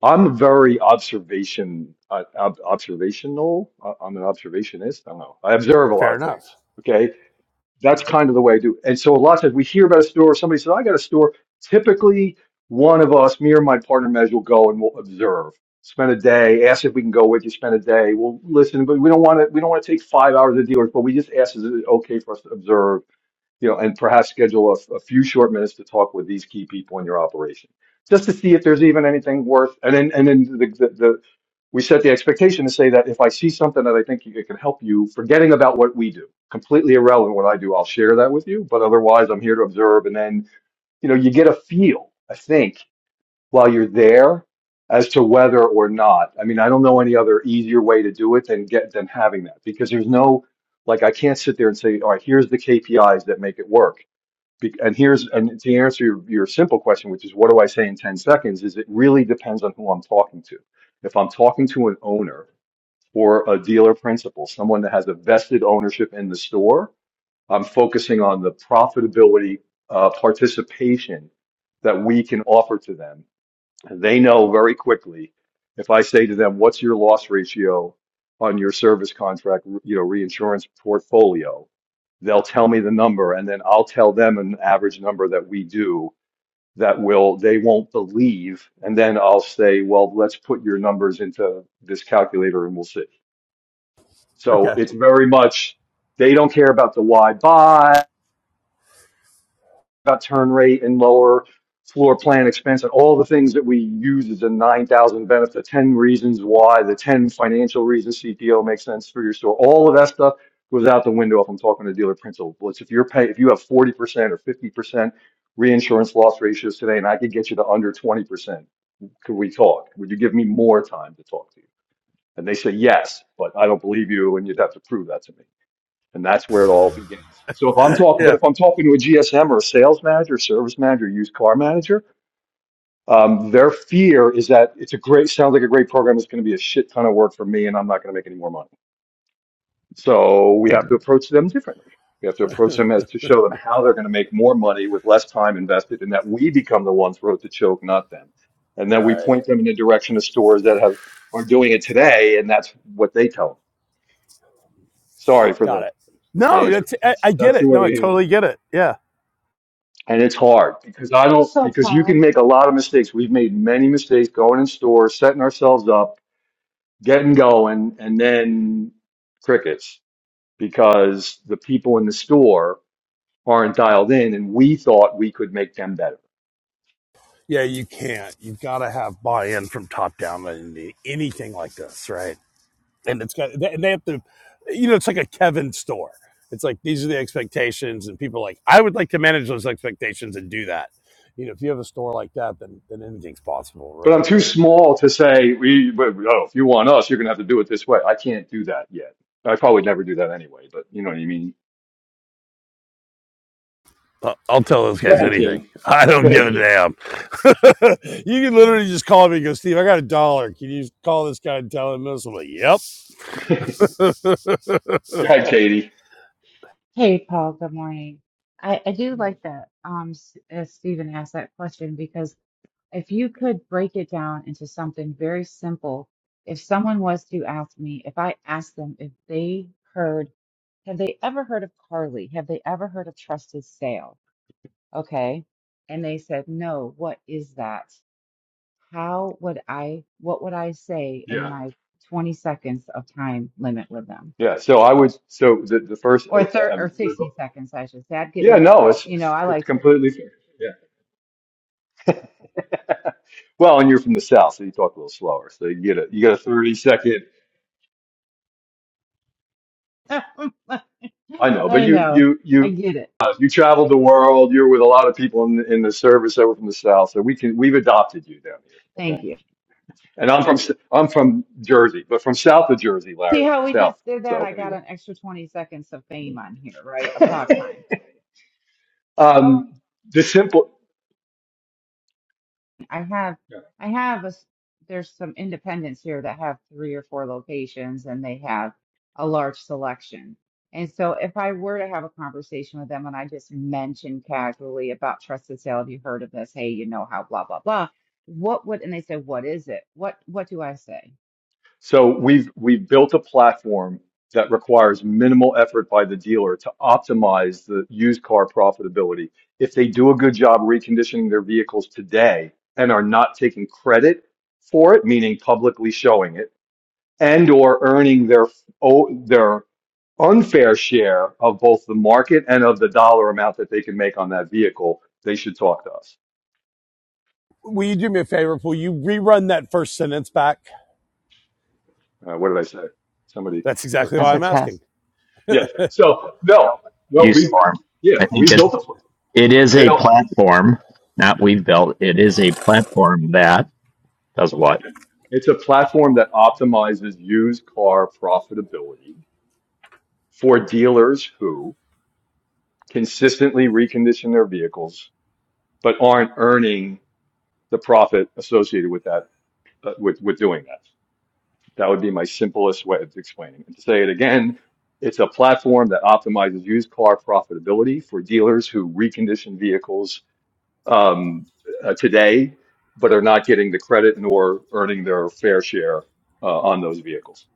[SPEAKER 6] I'm very observation uh, ob- observational. I- I'm an observationist. I don't know. I observe a
[SPEAKER 8] fair
[SPEAKER 6] lot of
[SPEAKER 8] enough
[SPEAKER 6] things. Okay, that's kind of the way I do. It. And so a lot of times we hear about a store, somebody says, I got a store. Typically, one of us, me or my partner, Mez, will go and we'll observe, spend a day, ask if we can go with you, spend a day. We'll listen, but we don't want to, we don't want to take five hours of dealers, but we just ask, is it okay for us to observe? you know, and perhaps schedule a, a few short minutes to talk with these key people in your operation, just to see if there's even anything worth. And then, and then the, the, the we set the expectation to say that if I see something that I think it can help you, forgetting about what we do, completely irrelevant what I do, I'll share that with you. But otherwise, I'm here to observe. And then, you know, you get a feel, I think, while you're there as to whether or not. I mean, I don't know any other easier way to do it than get than having that because there's no like I can't sit there and say, all right, here's the KPIs that make it work be- and here's and to answer your, your simple question which is what do i say in 10 seconds is it really depends on who i'm talking to if i'm talking to an owner or a dealer principal someone that has a vested ownership in the store i'm focusing on the profitability uh, participation that we can offer to them they know very quickly if I say to them, what's your loss ratio on your service contract, you know, reinsurance portfolio, they'll tell me the number and then I'll tell them an average number that we do that will, they won't believe. And then I'll say, well, let's put your numbers into this calculator and we'll see. So
[SPEAKER 8] okay
[SPEAKER 6] it's very much, they don't care about the why buy. about turn rate and lower floor plan expense and all the things that we use as a 9,000 benefit, the 10 reasons why, the 10 financial reasons CPO makes sense for your store, all of that stuff goes out the window if I'm talking to dealer principal. Well, It's if you're pay, if you have 40% or 50% reinsurance loss ratios today and I could get you to under 20%, could we talk? Would you give me more time to talk to you? And they say yes, but I don't believe you and you'd have to prove that to me. And that's where it all begins. So if I'm talking, but
[SPEAKER 8] yeah
[SPEAKER 6] if I'm talking to a GSM or a sales manager, service manager, used car manager, um, their fear is that it's a great, sounds like a great program. It's going to be a shit ton of work for me and I'm not going to make any more money. So we have to approach them differently. We have to approach them as to show them how they're going to make more money with less time invested and that we become the ones who wrote the choke, not them. And then we
[SPEAKER 8] Right.
[SPEAKER 6] point them in the direction of stores that have, are doing it today. And that's what they tell them. Sorry for
[SPEAKER 8] got
[SPEAKER 6] the,
[SPEAKER 8] it
[SPEAKER 6] the
[SPEAKER 8] no
[SPEAKER 6] answer.
[SPEAKER 8] that's I,
[SPEAKER 6] That's,
[SPEAKER 8] I get
[SPEAKER 6] that's the
[SPEAKER 8] it
[SPEAKER 6] way
[SPEAKER 8] no i
[SPEAKER 6] we handle
[SPEAKER 8] totally
[SPEAKER 6] it.
[SPEAKER 8] get it yeah
[SPEAKER 6] And it's hard because I don't,
[SPEAKER 7] So,
[SPEAKER 6] because you can
[SPEAKER 7] Paul,
[SPEAKER 6] make a lot of mistakes. We've made many mistakes going in stores, setting ourselves up, getting going, and then crickets because the people in the store aren't dialed in and we thought we could make them better.
[SPEAKER 8] yeah you can't you've got to have buy-in from top down in any- anything like this right? and it's got and they have to you know it's like a kevin store it's like these are the expectations and people are like i would like to manage those expectations and do that you know if you have a store like that then then anything's possible
[SPEAKER 6] But
[SPEAKER 8] right
[SPEAKER 6] I'm too small to say, we, but, oh, if you want us, you're going to have to do it this way. I can't do that yet. I probably never do that anyway, but you know what I mean?
[SPEAKER 8] I- I'll tell those
[SPEAKER 6] Go
[SPEAKER 8] guys
[SPEAKER 6] ahead,
[SPEAKER 8] anything.
[SPEAKER 6] Katie.
[SPEAKER 8] I
[SPEAKER 6] Go
[SPEAKER 8] don't
[SPEAKER 6] ahead,
[SPEAKER 8] give a
[SPEAKER 6] Katie.
[SPEAKER 8] damn. you can literally just call me and go, Steve, I got a dollar. Can you call this guy and tell him this? I'm like, yep.
[SPEAKER 6] Go ahead, Katie.
[SPEAKER 7] Hey, Paul. Good morning. I, I do like that um, S- uh, Stephen asked that question because if you could break it down into something very simple, if someone was to ask me, if I asked them if they heard, have they ever heard of Carly? Have they ever heard of Trusted Sale? Okay. And they said, no, what is that? How would I, what would I say in
[SPEAKER 6] Yeah.
[SPEAKER 7] my 20 seconds of time limit with them?
[SPEAKER 6] Yeah, so I would, so the, the first,
[SPEAKER 7] or
[SPEAKER 6] uh,
[SPEAKER 7] thir or
[SPEAKER 6] um, we're go-
[SPEAKER 7] 60 seconds, I should say. I'd get
[SPEAKER 6] yeah,
[SPEAKER 7] more than,
[SPEAKER 6] no, it's,
[SPEAKER 7] you know,
[SPEAKER 6] it's
[SPEAKER 7] I
[SPEAKER 6] it's
[SPEAKER 7] like
[SPEAKER 6] completely fair. Yeah. Well, and you're from the South, so you talk a little slower. So you get a, you get a 30 second,
[SPEAKER 7] to.
[SPEAKER 6] I know, but
[SPEAKER 7] I
[SPEAKER 6] you,
[SPEAKER 7] know.
[SPEAKER 6] you,
[SPEAKER 7] I
[SPEAKER 6] you,
[SPEAKER 7] get it.
[SPEAKER 6] uh, you traveled the world. You're with a lot of people in the, in the service that were from the South. So we can, we've adopted you down here.
[SPEAKER 7] Thank
[SPEAKER 6] Okay.
[SPEAKER 7] you.
[SPEAKER 6] And I'm from, S- I'm from Jersey, but from South of Jersey,
[SPEAKER 7] See
[SPEAKER 6] Larry,
[SPEAKER 7] how we just
[SPEAKER 6] South.
[SPEAKER 7] did that?
[SPEAKER 6] So
[SPEAKER 7] I got
[SPEAKER 6] anyway,
[SPEAKER 7] an extra 20 seconds of fame on here, right? Of talk time.
[SPEAKER 6] um, the simple,
[SPEAKER 7] I have, I have a, s- there's some independents here that have three or four locations and they have a large selection. And so if I were to have a conversation with them and I just mentioned casually about trusted sale, have you heard of this? Hey, you know how blah, blah, blah. What would, and they say, what is it? What, what do I say?
[SPEAKER 6] So we've we've built a platform that requires minimal effort by the dealer to optimize the used car profitability. If they do a good job reconditioning their vehicles today and are not taking credit for it, meaning publicly showing it, and or earning their oh, their unfair share of both the market and of the dollar amount that they can make on that vehicle, they should talk to us.
[SPEAKER 8] Will you do me a favor? Will you rerun that first sentence back?
[SPEAKER 6] Uh, what did I say? Somebody.
[SPEAKER 8] That's exactly why
[SPEAKER 7] That's a
[SPEAKER 8] I'm asking.
[SPEAKER 7] test.
[SPEAKER 6] Yes. So no, Well,
[SPEAKER 1] use
[SPEAKER 6] we
[SPEAKER 1] form.
[SPEAKER 6] yeah,
[SPEAKER 1] I
[SPEAKER 6] we
[SPEAKER 1] think it
[SPEAKER 6] built this one.
[SPEAKER 1] it is
[SPEAKER 6] It,
[SPEAKER 1] a platform, not we've built. It is a platform that does what?
[SPEAKER 6] it's a platform that optimizes used car profitability for dealers who consistently recondition their vehicles but aren't earning the profit associated with that uh, with with doing that. That would be my simplest way of explaining it. To say it again, it's a platform that optimizes used car profitability for dealers who recondition vehicles um, uh, today, but are not getting the credit nor earning their fair share uh, on those vehicles.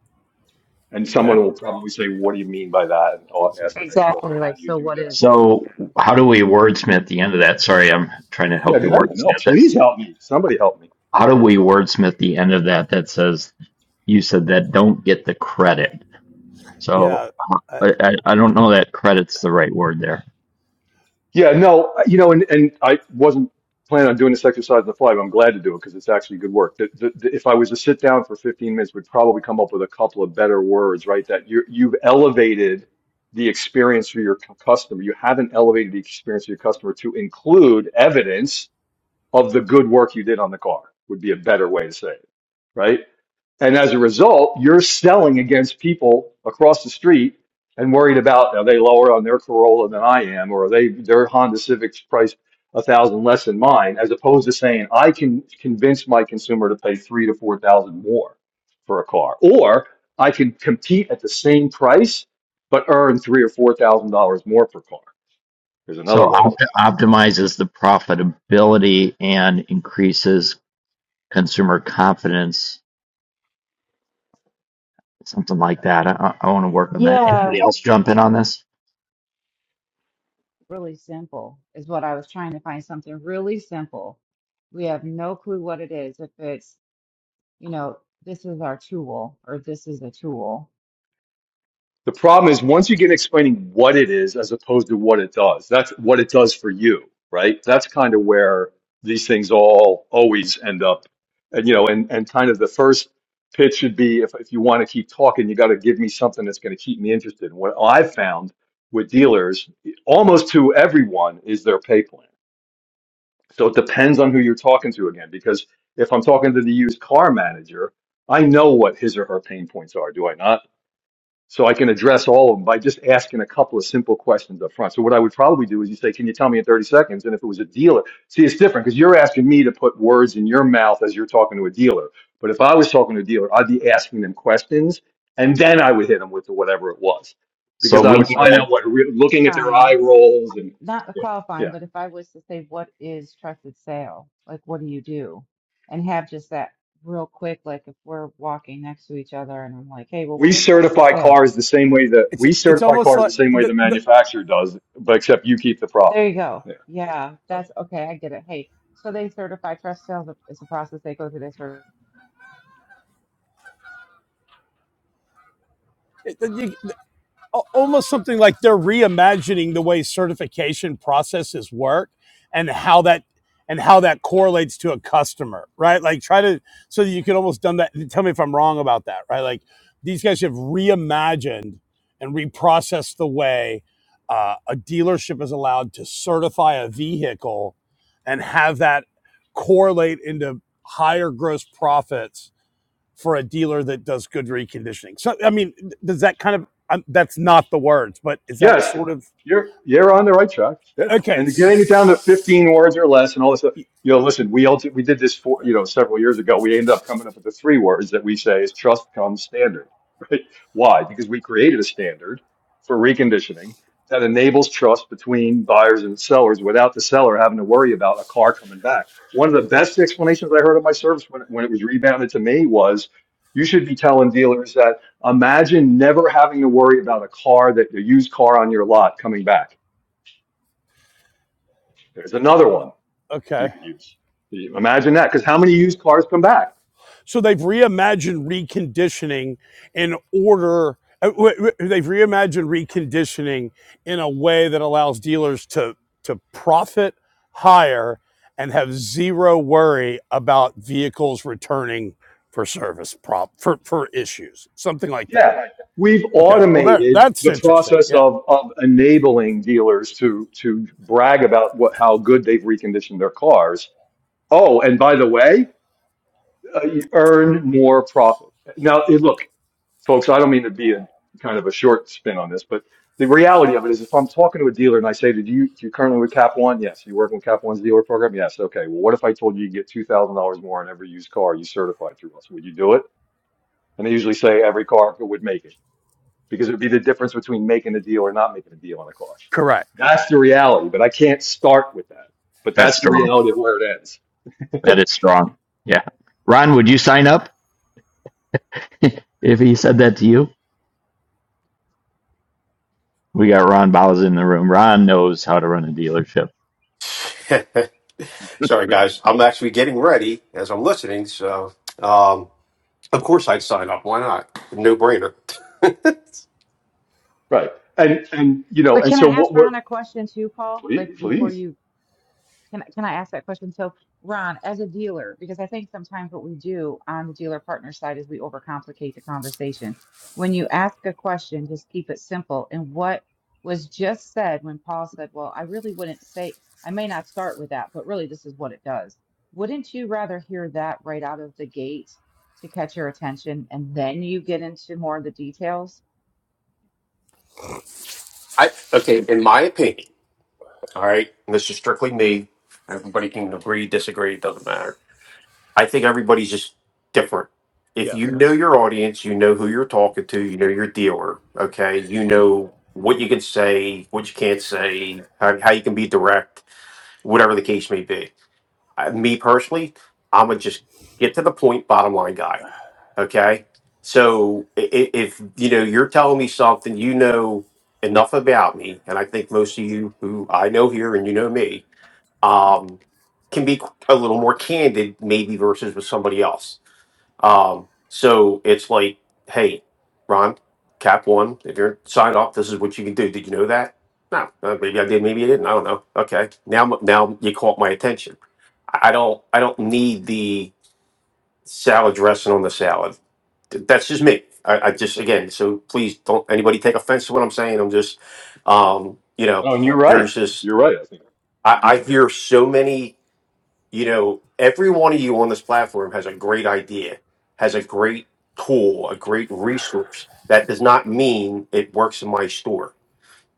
[SPEAKER 6] And someone
[SPEAKER 8] Okay.
[SPEAKER 6] will probably say, "What do you mean by that?" And
[SPEAKER 8] I'll
[SPEAKER 6] I'll
[SPEAKER 8] send
[SPEAKER 6] ask the
[SPEAKER 8] it.
[SPEAKER 6] next question,
[SPEAKER 7] Exactly.
[SPEAKER 6] "How
[SPEAKER 7] Like,
[SPEAKER 6] do you
[SPEAKER 7] so
[SPEAKER 6] do
[SPEAKER 7] what
[SPEAKER 6] that?"
[SPEAKER 7] is it?
[SPEAKER 1] So
[SPEAKER 7] Yeah,
[SPEAKER 1] how do we wordsmith the end of that? Sorry, I'm trying to
[SPEAKER 6] Yeah,
[SPEAKER 1] help
[SPEAKER 6] go
[SPEAKER 1] you
[SPEAKER 6] ahead. No,
[SPEAKER 1] wordsmith this.
[SPEAKER 6] please help me. Somebody help me.
[SPEAKER 1] How do we wordsmith the end of that that says you said that don't get the credit? So
[SPEAKER 8] Yeah.
[SPEAKER 1] uh,
[SPEAKER 8] Uh,
[SPEAKER 1] I, I I don't know that credit's the right word there.
[SPEAKER 6] Yeah, no, you know, and, and I wasn't planning on doing this exercise on the fly, but I'm glad to do it because it's actually good work. The, the, the, if I was to sit down for 15 minutes, we'd probably come up with a couple of better words, right? That you you've elevated the experience for your cu- customer. You haven't elevated the experience for your customer to include evidence of the good work you did on the car, would be a better way to say it, right? And as a result, you're selling against people across the street and worried about are they lower on their Corolla than I am, or are they their Honda Civic's priced a thousand less than mine, as opposed to saying I can convince my consumer to pay three to four thousand more for a car, or I can compete at the same price but earn three or four thousand dollars more per car. There's
[SPEAKER 1] So
[SPEAKER 6] another way to
[SPEAKER 1] opt- optimizes the profitability and increases consumer confidence, something like that. I, I want to work on that. Anybody
[SPEAKER 7] Yeah,
[SPEAKER 1] else jump in on this?
[SPEAKER 7] really simple is what I was trying to find something really simple. We have no clue what it is. If it's you know, this is our tool or this is a tool.
[SPEAKER 6] The problem is once you get explaining what it is as opposed to what it does, that's what it does for you, right? That's kind of where these things all always end up. And, you know, and, and kind of the first pitch should be if, if you want to keep talking, you got to give me something that's going to keep me interested. What I've found with dealers, almost to everyone, is their pay plan. So it depends on who you're talking to again, because if I'm talking to the used car manager, I know what his or her pain points are, do I not? So I can address all of them by just asking a couple of simple questions up front. So what I would probably do is you say, can you tell me in 30 seconds? And if it was a dealer, see, it's different because you're asking me to put words in your mouth as you're talking to a dealer. But if I was talking to a dealer, I'd be asking them questions and then I would hit them with whatever it was
[SPEAKER 1] So
[SPEAKER 6] because I
[SPEAKER 1] we
[SPEAKER 6] would
[SPEAKER 1] need
[SPEAKER 6] find
[SPEAKER 1] a,
[SPEAKER 6] out what, re- looking at their eye
[SPEAKER 7] Fine.
[SPEAKER 6] rolls and
[SPEAKER 7] Not
[SPEAKER 6] yeah, yeah.
[SPEAKER 7] qualifying, but if I was to say, what is trusted sale? Like, what do you do? And have just that real quick, like if we're walking next to each other and I'm like, hey, well,
[SPEAKER 6] We
[SPEAKER 7] what is trusted
[SPEAKER 6] certify
[SPEAKER 7] sale?
[SPEAKER 6] cars the same way that
[SPEAKER 8] it's
[SPEAKER 6] we
[SPEAKER 8] it's
[SPEAKER 6] certify
[SPEAKER 8] almost
[SPEAKER 6] cars the
[SPEAKER 8] like
[SPEAKER 6] same way
[SPEAKER 8] the
[SPEAKER 6] the
[SPEAKER 8] the,
[SPEAKER 6] manufacturer does, but except you keep the
[SPEAKER 7] There
[SPEAKER 6] profit.
[SPEAKER 7] you go. Yeah,
[SPEAKER 6] Yeah.
[SPEAKER 7] that's okay. I get it. Hey, so they certify trust sales. It's a process they go through. They certify.
[SPEAKER 8] it- you- almost something like they're reimagining the way certification processes work and how that and how that correlates to a customer right like try to so that you could almost done that tell me if i'm wrong about that right like these guys have reimagined and reprocessed the way uh, a dealership is allowed to certify a vehicle and have that correlate into higher gross profits for a dealer that does good reconditioning. So, I mean, does that kind of, um, that's not the words, but is that
[SPEAKER 6] Yes,
[SPEAKER 8] sort of,
[SPEAKER 6] you're you're on the right track. Yeah,
[SPEAKER 8] okay.
[SPEAKER 6] and getting it down to 15 words or less, and all this. Stuff. You know, listen, we also, we did this for you know several years ago. We ended up coming up with the three words that we say is trust comes standard. Right? Why? Because we created a standard for reconditioning that enables trust between buyers and sellers without the seller having to worry about a car coming back. One of the best explanations I heard of my service when, when it was rebounded to me was, you should be telling dealers that Imagine never having to worry about a car that a used car on your lot coming back. There's another one
[SPEAKER 8] Okay.
[SPEAKER 6] you could use. Imagine that, because how many used cars come back?
[SPEAKER 8] So they've reimagined reconditioning in order, uh, w- w- they've reimagined reconditioning in a way that allows dealers to, to profit higher and have zero worry about vehicles returning for service prop for, for issues, something like that.
[SPEAKER 6] Yeah, we've
[SPEAKER 8] Okay. Well, there,
[SPEAKER 6] automated
[SPEAKER 8] that's
[SPEAKER 6] the
[SPEAKER 8] interesting.
[SPEAKER 6] process
[SPEAKER 8] Yeah.
[SPEAKER 6] of, of enabling dealers to to brag about what how good they've reconditioned their cars. Oh, and by the way, uh, you earn more profit. Now, eh, look, folks, I don't mean to be a kind of a short spin on this, but the reality of it is if I'm talking to a dealer and I say, did you, do you currently with Cap One? Yes. You working with Cap One's dealer program? Yes. Okay. Well, what if I told you you get $2,000 more on every used car you certified through us? Would you do it? And they usually say every car would make it because it would be the difference between making a deal or not making a deal on a car.
[SPEAKER 8] Correct.
[SPEAKER 6] That's the reality, but I can't start with that. But
[SPEAKER 1] that's
[SPEAKER 6] that's the
[SPEAKER 1] strong.
[SPEAKER 6] reality of where it ends.
[SPEAKER 1] That is strong. Yeah. Ron, would you sign up if he said that to you? We got Ron Bowles in the room. Ron knows how to run a dealership.
[SPEAKER 9] Sorry, guys. I'm actually getting ready as I'm listening. So, um, of course, I'd sign up. Why not? No brainer.
[SPEAKER 6] Right. And and you know,
[SPEAKER 7] But
[SPEAKER 6] and
[SPEAKER 7] can I
[SPEAKER 6] so
[SPEAKER 7] ask
[SPEAKER 6] what we're
[SPEAKER 7] Ron a question too, Paul? Like
[SPEAKER 6] Please,
[SPEAKER 7] before
[SPEAKER 6] please.
[SPEAKER 7] you Can I can I ask that question? So, Ron, as a dealer, because I think sometimes what we do on the dealer partner side is we overcomplicate the conversation. When you ask a question, just keep it simple. And what was just said when Paul said, "Well, I really wouldn't say I may not start with that, but really this is what it does." Wouldn't you rather hear that right out of the gate to catch your attention and then you get into more of the details?
[SPEAKER 9] I okay. In my opinion, all right. and This is strictly me. Everybody can agree, disagree. It doesn't matter. I think everybody's just different. If you
[SPEAKER 8] Yes.
[SPEAKER 9] know your audience, you know who you're talking to. You know your dealer. Okay. You know what you can say, what you can't say, how, how you can be direct, whatever the case may be. I, me personally, I'm gonna just get to the point, bottom line guy. Okay. So i- i- if you know you're telling me something you know enough about me, and I think most of you who I know here and you know me, um, can be a little more candid, maybe versus with somebody else. Um, so it's like, hey, Ron, Cap One, if you're signed up, this is what you can do. Did you know that? No, uh, maybe I did, maybe I didn't. I don't know. Okay, now now you caught my attention I don't I don't need the salad dressing on the salad. Th- That's just me. I, I just again, so please don't anybody take offense to what I'm saying. I'm just um, you know,
[SPEAKER 6] No, and you're right.
[SPEAKER 9] there's just
[SPEAKER 6] You're right. I think
[SPEAKER 9] I, I hear so many, you know, every one of you on this platform has a great idea, has a great tool, a great resource. That does not mean it works in my store.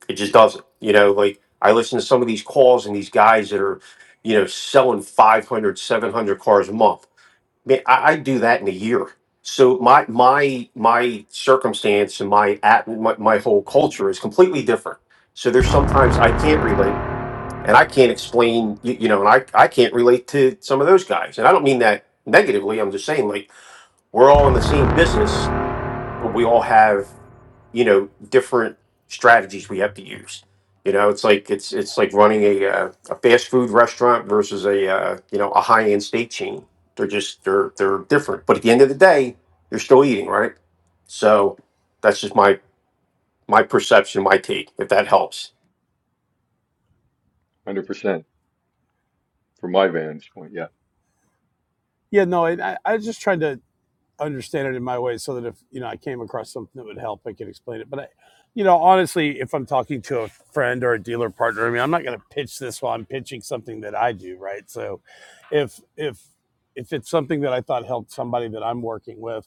[SPEAKER 9] It just doesn't. You know, like I listen to some of these calls and these guys that are, you know, selling 500, 700 cars a month Man, I, I do that in a year. So my my my circumstance and my at my, my whole culture is completely different. So there's sometimes I can't relate and I can't explain you, you know and I I can't relate to some of those guys. And I don't mean that negatively. I'm just saying like we're all in the same business, but we all have you know different strategies we have to use you know it's like it's it's like running a uh, a fast food restaurant versus a uh, you know a high end steak chain they're just they're they're different but at the end of the day you're still eating right so that's just my my perception my take if that helps
[SPEAKER 6] 100% from my vantage point. Yeah.
[SPEAKER 8] Yeah, no, I, I just tried to understand it in my way so that if, you know, I came across something that would help, I could explain it. But I, you know, honestly, if I'm talking to a friend or a dealer partner, I mean, I'm not going to pitch this while I'm pitching something that I do, right? So if, if, if it's something that I thought helped somebody that I'm working with,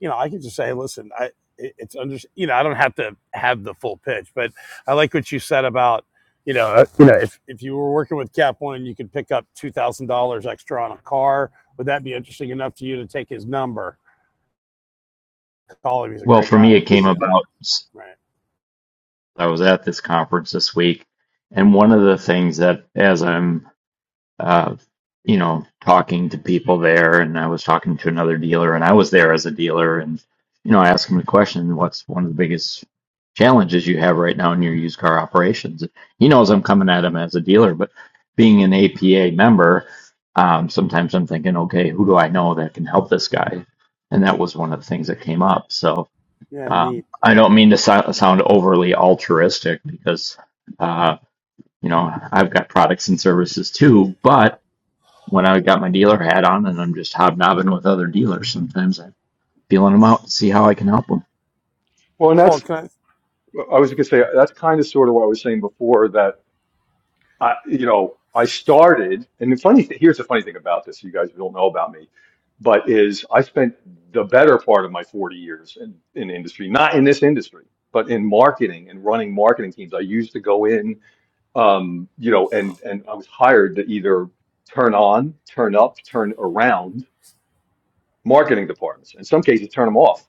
[SPEAKER 8] you know, I could just say, listen, I it, it's under, you know, I don't have to have the full pitch, but I like what you said about, you know, uh, you know, if if you were working with Cap One and you could pick up two thousand dollars extra on a car, would that be interesting enough to you to take his number? Call him; he's a
[SPEAKER 1] Well,
[SPEAKER 8] great
[SPEAKER 1] for
[SPEAKER 8] guy.
[SPEAKER 1] me, it came
[SPEAKER 6] Just-
[SPEAKER 8] Yeah,
[SPEAKER 1] about.
[SPEAKER 8] right.
[SPEAKER 1] I was at this conference this week, and one of the things that, as I'm, uh, you know, talking to people there, and I was talking to another dealer, and I was there as a dealer, and you know, I asked him the question, "What's one of the biggest challenges you have right now in your used car operations?" He knows I'm coming at him as a dealer, but being an APA member, um, sometimes I'm thinking, "Okay, who do I know that can help this guy?" And that was one of the things that came up. So
[SPEAKER 8] Yeah,
[SPEAKER 1] um,
[SPEAKER 8] neat.
[SPEAKER 1] I don't mean to sou- sound overly altruistic because, uh, you know, I've got products and services too, but when I got my dealer hat on and I'm just hobnobbing with other dealers, sometimes I'm feeling them out to see how I can help them.
[SPEAKER 6] Well, and
[SPEAKER 8] Paul,
[SPEAKER 6] that's,
[SPEAKER 8] can I
[SPEAKER 6] I was going to say, that's kind of sort of what I was saying before that I, you know, I started, and the funny thing, here's the funny thing about this, you guys don't know about me, but is I spent the better part of my 40 years in, in industry, not in this industry, but in marketing and running marketing teams. I used to go in, um, you know, and, and I was hired to either turn on, turn up, turn around marketing departments. In some cases, turn them off,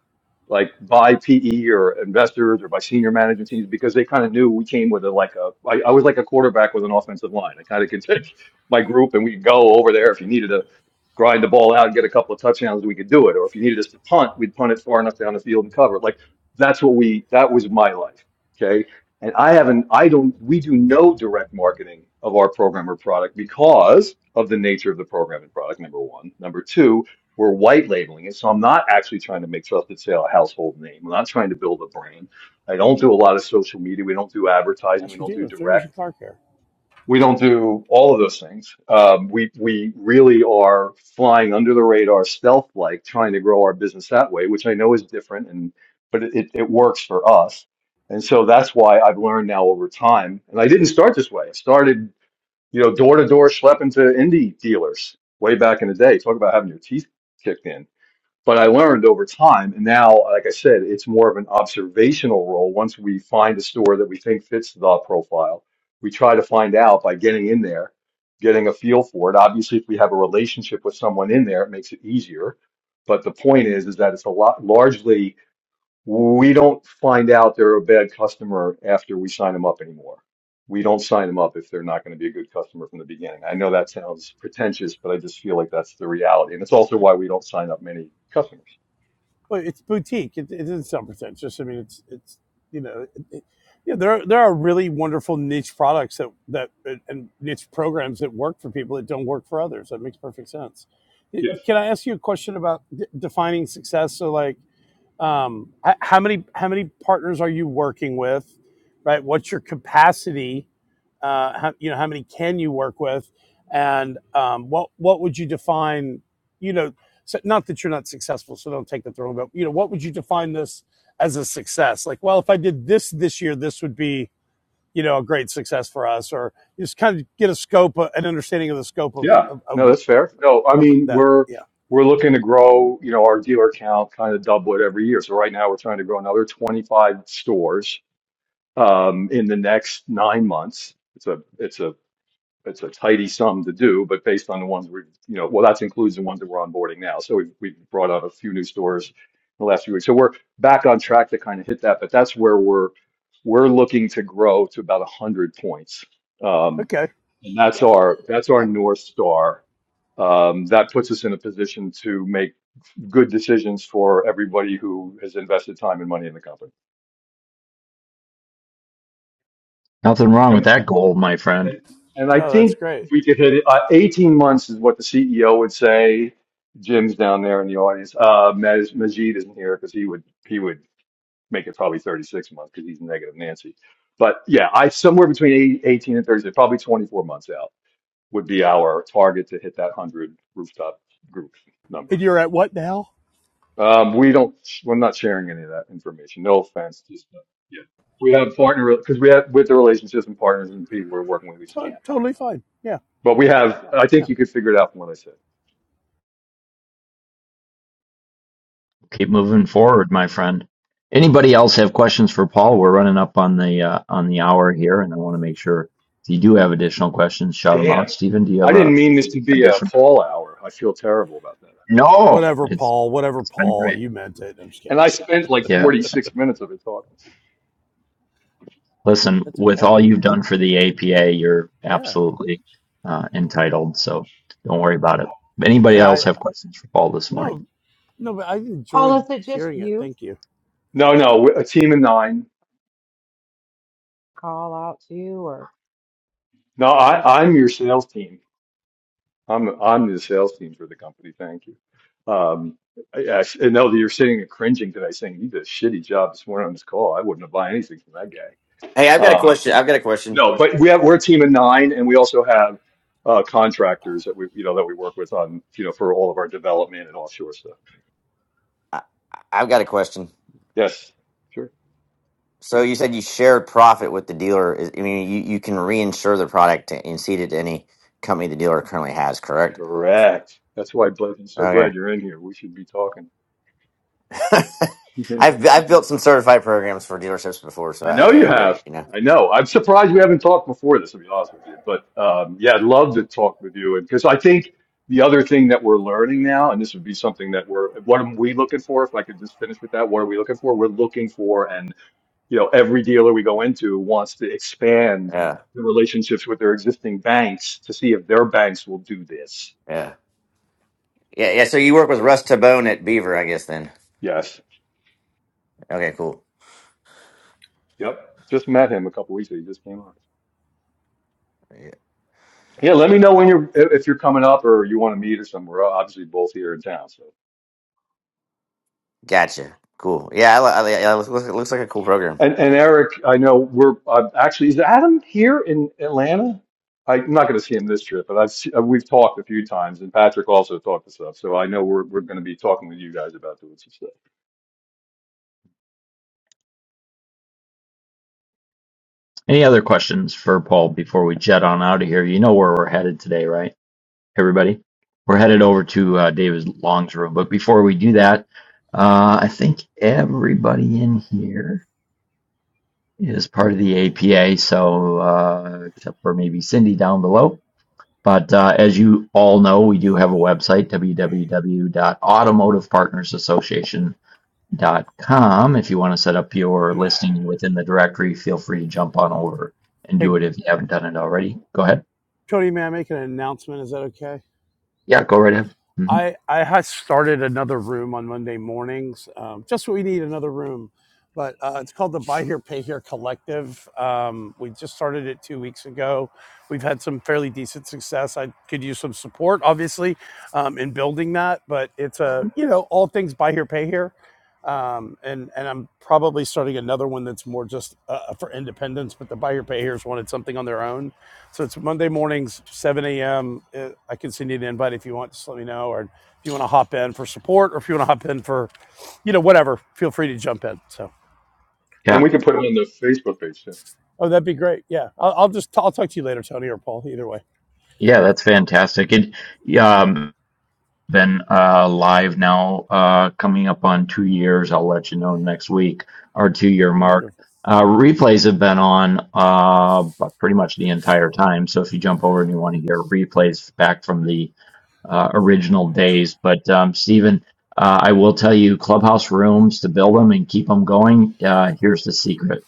[SPEAKER 6] like by PE or investors or by senior management teams, because they kind of knew we came with a like a. I, I was like a quarterback with an offensive line. I kind of could take my group and we could go over there if you needed to grind the ball out and get a couple of touchdowns, we could do it. Or if you needed us to punt, we'd punt it far enough down the field and cover. it. Like that's what we. That was my life. Okay. And I haven't, I don't, we do no direct marketing of our program or product because of the nature of the program and product, number one. Number two, we're white labeling it. So I'm not actually trying to make Trusted Sale a household name. I'm not trying to build a brand. I don't do a lot of social media. We don't do advertising. We
[SPEAKER 8] ask your
[SPEAKER 6] don't do
[SPEAKER 8] dealer if they're using
[SPEAKER 6] direct.
[SPEAKER 8] car care?
[SPEAKER 6] We don't do all of those things. Um, we, we really are flying under the radar, stealth like, trying to grow our business that way, which I know is different, and but it, it, it works for us. And so that's why I've learned now over time. And I didn't start this way. I started, you know, door to door schlepping to indie dealers way back in the day. Talk about having your teeth kicked in but I learned over time, and now, like I said, it's more of an observational role. Once we find a store that we think fits the profile, we try to find out by getting in there, getting a feel for it. Obviously, if we have a relationship with someone in there, it makes it easier. But the point is, is that it's a lot largely we don't find out they're a bad customer after we sign them up anymore. We don't sign them up if they're not going to be a good customer from the beginning. I know that sounds pretentious, but I just feel like that's the reality. And it's also why we don't sign up many customers.
[SPEAKER 8] Well, it's boutique. It, it is some percent. It's just I mean, it's it's you know, it, it, yeah. There are, there are really wonderful niche products that that and niche programs that work for people that don't work for others. That makes perfect sense.
[SPEAKER 6] Yes.
[SPEAKER 8] Can I ask you a question about d- defining success? So like um, how many how many partners are you working with right what's your capacity uh, how, you know how many can you work with and um, what what would you define you know so not that you're not successful so don't take that the wrong way but you know what would you define this as a success like well if i did this this year this would be you know a great success for us or just kind of get a scope uh, an understanding of the scope of
[SPEAKER 6] Yeah.
[SPEAKER 8] of, of,
[SPEAKER 6] No, that's fair. No, I
[SPEAKER 8] of
[SPEAKER 6] mean,
[SPEAKER 8] that
[SPEAKER 6] we're
[SPEAKER 8] yeah
[SPEAKER 6] we're looking to grow, you know, our dealer count kind of double it every year. So right now we're trying to grow another 25 stores um, in the next nine months. It's a it's a it's a tidy sum to do, but based on the ones we, you know, well, that includes the ones that we're onboarding now. So we've we've brought out a few new stores in the last few weeks. So we're back on track to kind of hit that, but that's where we're we're looking to grow to about 100 points Um,
[SPEAKER 8] okay
[SPEAKER 6] And that's
[SPEAKER 8] yeah
[SPEAKER 6] our that's our
[SPEAKER 8] yeah
[SPEAKER 6] north star. Um, that puts us in a position to make good decisions for everybody who has invested time and money in the company.
[SPEAKER 1] Nothing wrong with
[SPEAKER 6] And,
[SPEAKER 1] that goal, my friend.
[SPEAKER 6] and, and I
[SPEAKER 8] no that's
[SPEAKER 6] think
[SPEAKER 8] great
[SPEAKER 6] we could hit it. Uh, 18 months is what the CEO would say. Jim's down there in the audience. Uh, Maj, Majid isn't here because he would he would make it probably 36 months because he's negative Nancy. But yeah, I somewhere between eight- 18 and 36, probably 24 months out would be our target to hit that 100 rooftop group number.
[SPEAKER 8] and you're at what now
[SPEAKER 6] Um, we don't, we're not sharing any of that information. No offense. Just, uh, yeah. We have partner, because we have, with the relationships and partners and people we're working with, we just
[SPEAKER 8] To-
[SPEAKER 6] can't.
[SPEAKER 8] totally fine. Yeah,
[SPEAKER 6] But we have, I
[SPEAKER 8] yeah.
[SPEAKER 6] think you could figure it out from what I said.
[SPEAKER 1] Keep moving forward, my friend. Anybody else have questions for Paul? We're running up on the uh, on the hour here, and I want to make sure if you do have additional questions, shout them out.
[SPEAKER 6] Damn.
[SPEAKER 1] Stephen, do you
[SPEAKER 6] I
[SPEAKER 1] have a
[SPEAKER 6] didn't mean this to be a
[SPEAKER 1] additional?
[SPEAKER 6] call hour. I feel terrible about that.
[SPEAKER 1] No,
[SPEAKER 8] Whatever,
[SPEAKER 1] it's
[SPEAKER 8] Paul. Whatever,
[SPEAKER 1] it's been
[SPEAKER 8] Paul.
[SPEAKER 1] great.
[SPEAKER 8] You meant it. I'm just
[SPEAKER 6] And
[SPEAKER 8] kidding.
[SPEAKER 6] I spent like
[SPEAKER 1] Yeah.
[SPEAKER 6] 46 minutes of it talking.
[SPEAKER 1] Listen,
[SPEAKER 8] That's
[SPEAKER 1] with
[SPEAKER 8] okay.
[SPEAKER 1] all you've done for the APA, you're
[SPEAKER 8] Yeah.
[SPEAKER 1] absolutely uh, entitled, so don't worry about it. Anybody
[SPEAKER 8] Yeah,
[SPEAKER 1] else
[SPEAKER 8] I
[SPEAKER 1] have questions for Paul this morning?
[SPEAKER 8] no, no, but I
[SPEAKER 7] Paul,
[SPEAKER 8] enjoyed
[SPEAKER 7] is it just
[SPEAKER 8] hearing it.
[SPEAKER 7] you?
[SPEAKER 8] Thank you.
[SPEAKER 6] No, no, a team of nine.
[SPEAKER 7] Call out to or
[SPEAKER 6] No,
[SPEAKER 7] or
[SPEAKER 6] I, I'm your sales team. I'm I'm the sales team for the company. Thank you. Um, I, I, and Elder, you're sitting and cringing today, saying you did a shitty job this morning on this call. I wouldn't have bought anything from that guy.
[SPEAKER 4] Hey, I've got a
[SPEAKER 6] Um,
[SPEAKER 4] question. I've got a question.
[SPEAKER 6] no, but we have we're a team of nine, and we also have uh, contractors that we you know that we work with on you know for all of our development and offshore stuff.
[SPEAKER 4] I- I've got a question.
[SPEAKER 6] Yes, sure,
[SPEAKER 4] So you said you shared profit with the dealer. Is- I mean, you, you can reinsure the product and seed it to any company the dealer currently has, correct?
[SPEAKER 6] correct. That's why Blake, I'm so
[SPEAKER 4] Okay.
[SPEAKER 6] glad you're in here. We should be talking.
[SPEAKER 4] I've I've built some certified programs for dealerships before, so
[SPEAKER 6] I know
[SPEAKER 4] I,
[SPEAKER 6] you
[SPEAKER 4] I get it.
[SPEAKER 6] have.
[SPEAKER 4] You know.
[SPEAKER 6] I know. I'm surprised we haven't talked before this, to be honest with you. But um, yeah, I'd love to talk with you. And because I think the other thing that we're learning now, and this would be something that we're, what are we looking for? If I could just finish with that, what are we looking for? We're looking for, and you know, every dealer we go into wants to expand
[SPEAKER 4] Yeah.
[SPEAKER 6] the relationships with their existing banks to see if their banks will do this.
[SPEAKER 4] Yeah. Yeah. Yeah. So you work with Russ Tabone at Beaver, I guess. Then.
[SPEAKER 6] Yes.
[SPEAKER 4] Okay. Cool.
[SPEAKER 6] Yep. Just met him a couple weeks ago. He just came on.
[SPEAKER 4] Yeah.
[SPEAKER 6] Yeah, let me know when you're if if you're coming up or you want to meet or somewhere. We're Obviously, both here in town. So.
[SPEAKER 4] Gotcha. Cool. Yeah. I, li- I, li- yeah, it looks, it looks like a cool program.
[SPEAKER 6] And, and Eric, I know we're uh, actually, is Adam here in Atlanta? I, am not going to see him this trip, but I've se- uh, we've talked a few times, and Patrick also talked to stuff. So I know we're we're going to be talking with you guys about doing some stuff,
[SPEAKER 1] Any other questions for Paul before we jet on out of here? You know where we're headed today, right? Everybody, we're headed over to uh, David Long's room. But before we do that, uh, I think everybody in here is part of the APA, so uh, except for maybe Cindy down below. But uh, as you all know, we do have a website, w w w dot automotive partners association dot com. If you want to set up your listing within the directory, feel free to jump on over and
[SPEAKER 8] Hey,
[SPEAKER 1] do it if you haven't done it already. Go ahead.
[SPEAKER 8] Cody, may I make an announcement? Is that okay?
[SPEAKER 1] Yeah, go right ahead. hmm
[SPEAKER 8] I I had started another room on Monday mornings. Um, just so we need another room, but uh, it's called the Buy Here Pay Here Collective. Um, we just started it two weeks ago. We've had some fairly decent success. I could use some support, obviously, um, in building that. But it's a you know all things buy here pay here um, and and I'm probably starting another one that's more just uh, uh, for independence. But the buyer payers wanted something on their own, so it's Monday mornings, 7 a.m. Uh, I can send you an invite if you want. Just let me know, or if you want to hop in for support, or if you want to hop in for, you know, whatever. Feel free to jump in. So,
[SPEAKER 6] and
[SPEAKER 1] Yeah,
[SPEAKER 6] we can put it on the Facebook page
[SPEAKER 8] oh, that'd be great. Yeah, I'll, I'll just i I'll talk to you later, Tony or Paul. Either way,
[SPEAKER 1] yeah, that's fantastic. And um, been uh, live now, uh, coming up on two years. I'll let you know next week, our two year mark.
[SPEAKER 8] wonderful.
[SPEAKER 1] Uh, replays have been on uh, bu- pretty much the entire time. So if you jump over and you want to hear replays back from the uh, original days. But um, Stephen, uh, I will tell you clubhouse rooms to build them and keep them going. Uh, here's the secret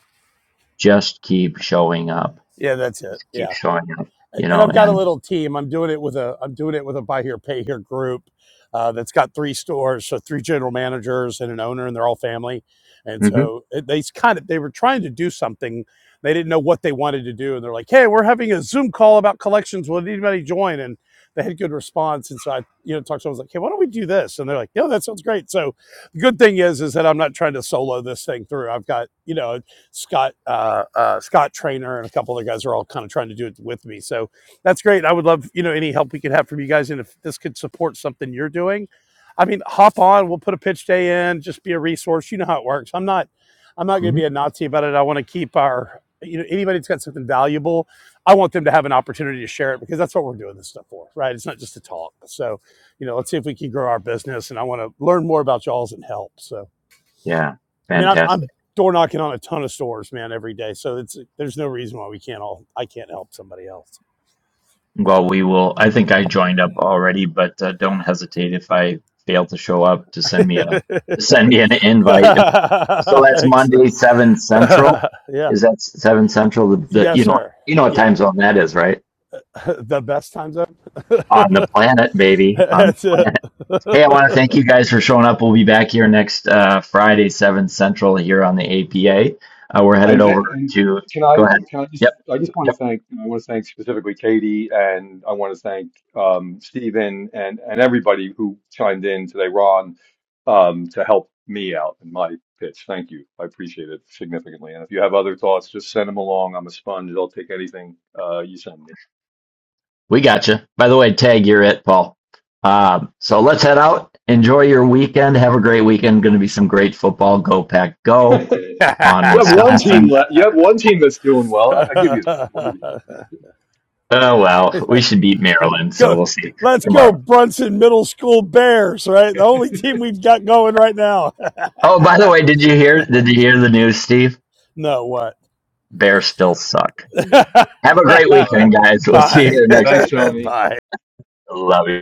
[SPEAKER 1] just keep showing up.
[SPEAKER 8] Yeah, that's it.
[SPEAKER 1] Just keep
[SPEAKER 8] Yeah.
[SPEAKER 1] showing up, you
[SPEAKER 8] and
[SPEAKER 1] know,
[SPEAKER 8] I've got a
[SPEAKER 1] and
[SPEAKER 8] little team. I'm doing it with a I'm doing it with a buy here pay here group uh, that's got three stores, so three general managers and an owner, and they're all family. And
[SPEAKER 1] Mhm.
[SPEAKER 8] so it, they kind of they were trying to do something. They didn't know what they wanted to do, and they're like, "Hey, we're having a Zoom call about collections. Will anybody join?" And they had good response. And so I, you know, talked to them. I was like, "Hey, why don't we do this?" And they're like, "No, that sounds great." So the good thing is, is that I'm not trying to solo this thing through. I've got, you know, Scott, uh, uh, Scott Trainer, and a couple other guys are all kind of trying to do it with me. So that's great. I would love, you know, any help we could have from you guys. And if this could support something you're doing, I mean, hop on. We'll put a pitch day in. Just be a resource. You know how it works. I'm not, I'm not going to
[SPEAKER 1] Mhm.
[SPEAKER 8] be a Nazi about it. I want to keep our, you know, anybody that's got something valuable, I want them to have an opportunity to share it because that's what we're doing this stuff for, right? It's not just to talk. So, you know, let's see if we can grow our business. And I want to learn more about y'all's and help. So,
[SPEAKER 1] yeah,
[SPEAKER 8] I mean, I'm,
[SPEAKER 1] fantastic.
[SPEAKER 8] I'm door knocking on a ton of stores, man, every day. So it's there's no reason why we can't all I can't help somebody else.
[SPEAKER 1] Well, we will. I think I joined up already, but uh, don't hesitate if I fail to show up to send me a send me an invite. So that's
[SPEAKER 8] Thanks.
[SPEAKER 1] Monday, seven central.
[SPEAKER 8] yeah.
[SPEAKER 1] Is that seven central? The, the
[SPEAKER 8] Yes,
[SPEAKER 1] you know
[SPEAKER 8] sir.
[SPEAKER 1] you know what
[SPEAKER 8] Yeah.
[SPEAKER 1] time zone that is, right?
[SPEAKER 8] the best time zone.
[SPEAKER 1] On the planet, baby. On the
[SPEAKER 8] That's it.
[SPEAKER 1] planet. Hey, I want to thank you guys for showing up. We'll be back here next uh, Friday, seven central, here on the APA. Uh, we're headed
[SPEAKER 6] And, ca-
[SPEAKER 1] over
[SPEAKER 6] and
[SPEAKER 1] to.
[SPEAKER 6] can
[SPEAKER 1] Go
[SPEAKER 6] I
[SPEAKER 1] ahead.
[SPEAKER 6] can I just
[SPEAKER 1] Yep.
[SPEAKER 6] I just
[SPEAKER 1] yep.
[SPEAKER 6] want to thank I want to thank specifically Katie and I want to thank um, Stephen and and everybody who chimed in today, Ron, um, to help me out in my pitch. Thank you, I appreciate it significantly. And if you have other thoughts, just send them along. I'm a sponge. I'll take anything uh, you send
[SPEAKER 1] We got you. By the way, tag, you're it, Paul. Um, so let's head out. Enjoy your weekend. Have a great weekend. Going to be some great football. Go Pack Go
[SPEAKER 6] me.
[SPEAKER 1] on
[SPEAKER 6] you have one team
[SPEAKER 1] Wisconsin.
[SPEAKER 6] left. You have one team that's doing well. I, I give you. We'll give
[SPEAKER 1] Oh well, we should beat Maryland, so
[SPEAKER 8] go.
[SPEAKER 1] we'll see
[SPEAKER 8] Let's go,
[SPEAKER 1] tomorrow.
[SPEAKER 8] Brunson Middle School Bears, right? The only team we've got going right now.
[SPEAKER 1] Oh, by the way, did you hear? Did you hear the news, Steve?
[SPEAKER 8] no, what?
[SPEAKER 1] Bears still suck.
[SPEAKER 6] you.
[SPEAKER 1] Have a great weekend, guys. We'll see you
[SPEAKER 8] Bye.
[SPEAKER 1] here next
[SPEAKER 6] Thanks,
[SPEAKER 1] week.
[SPEAKER 6] Tony.
[SPEAKER 8] Bye.
[SPEAKER 1] Love you.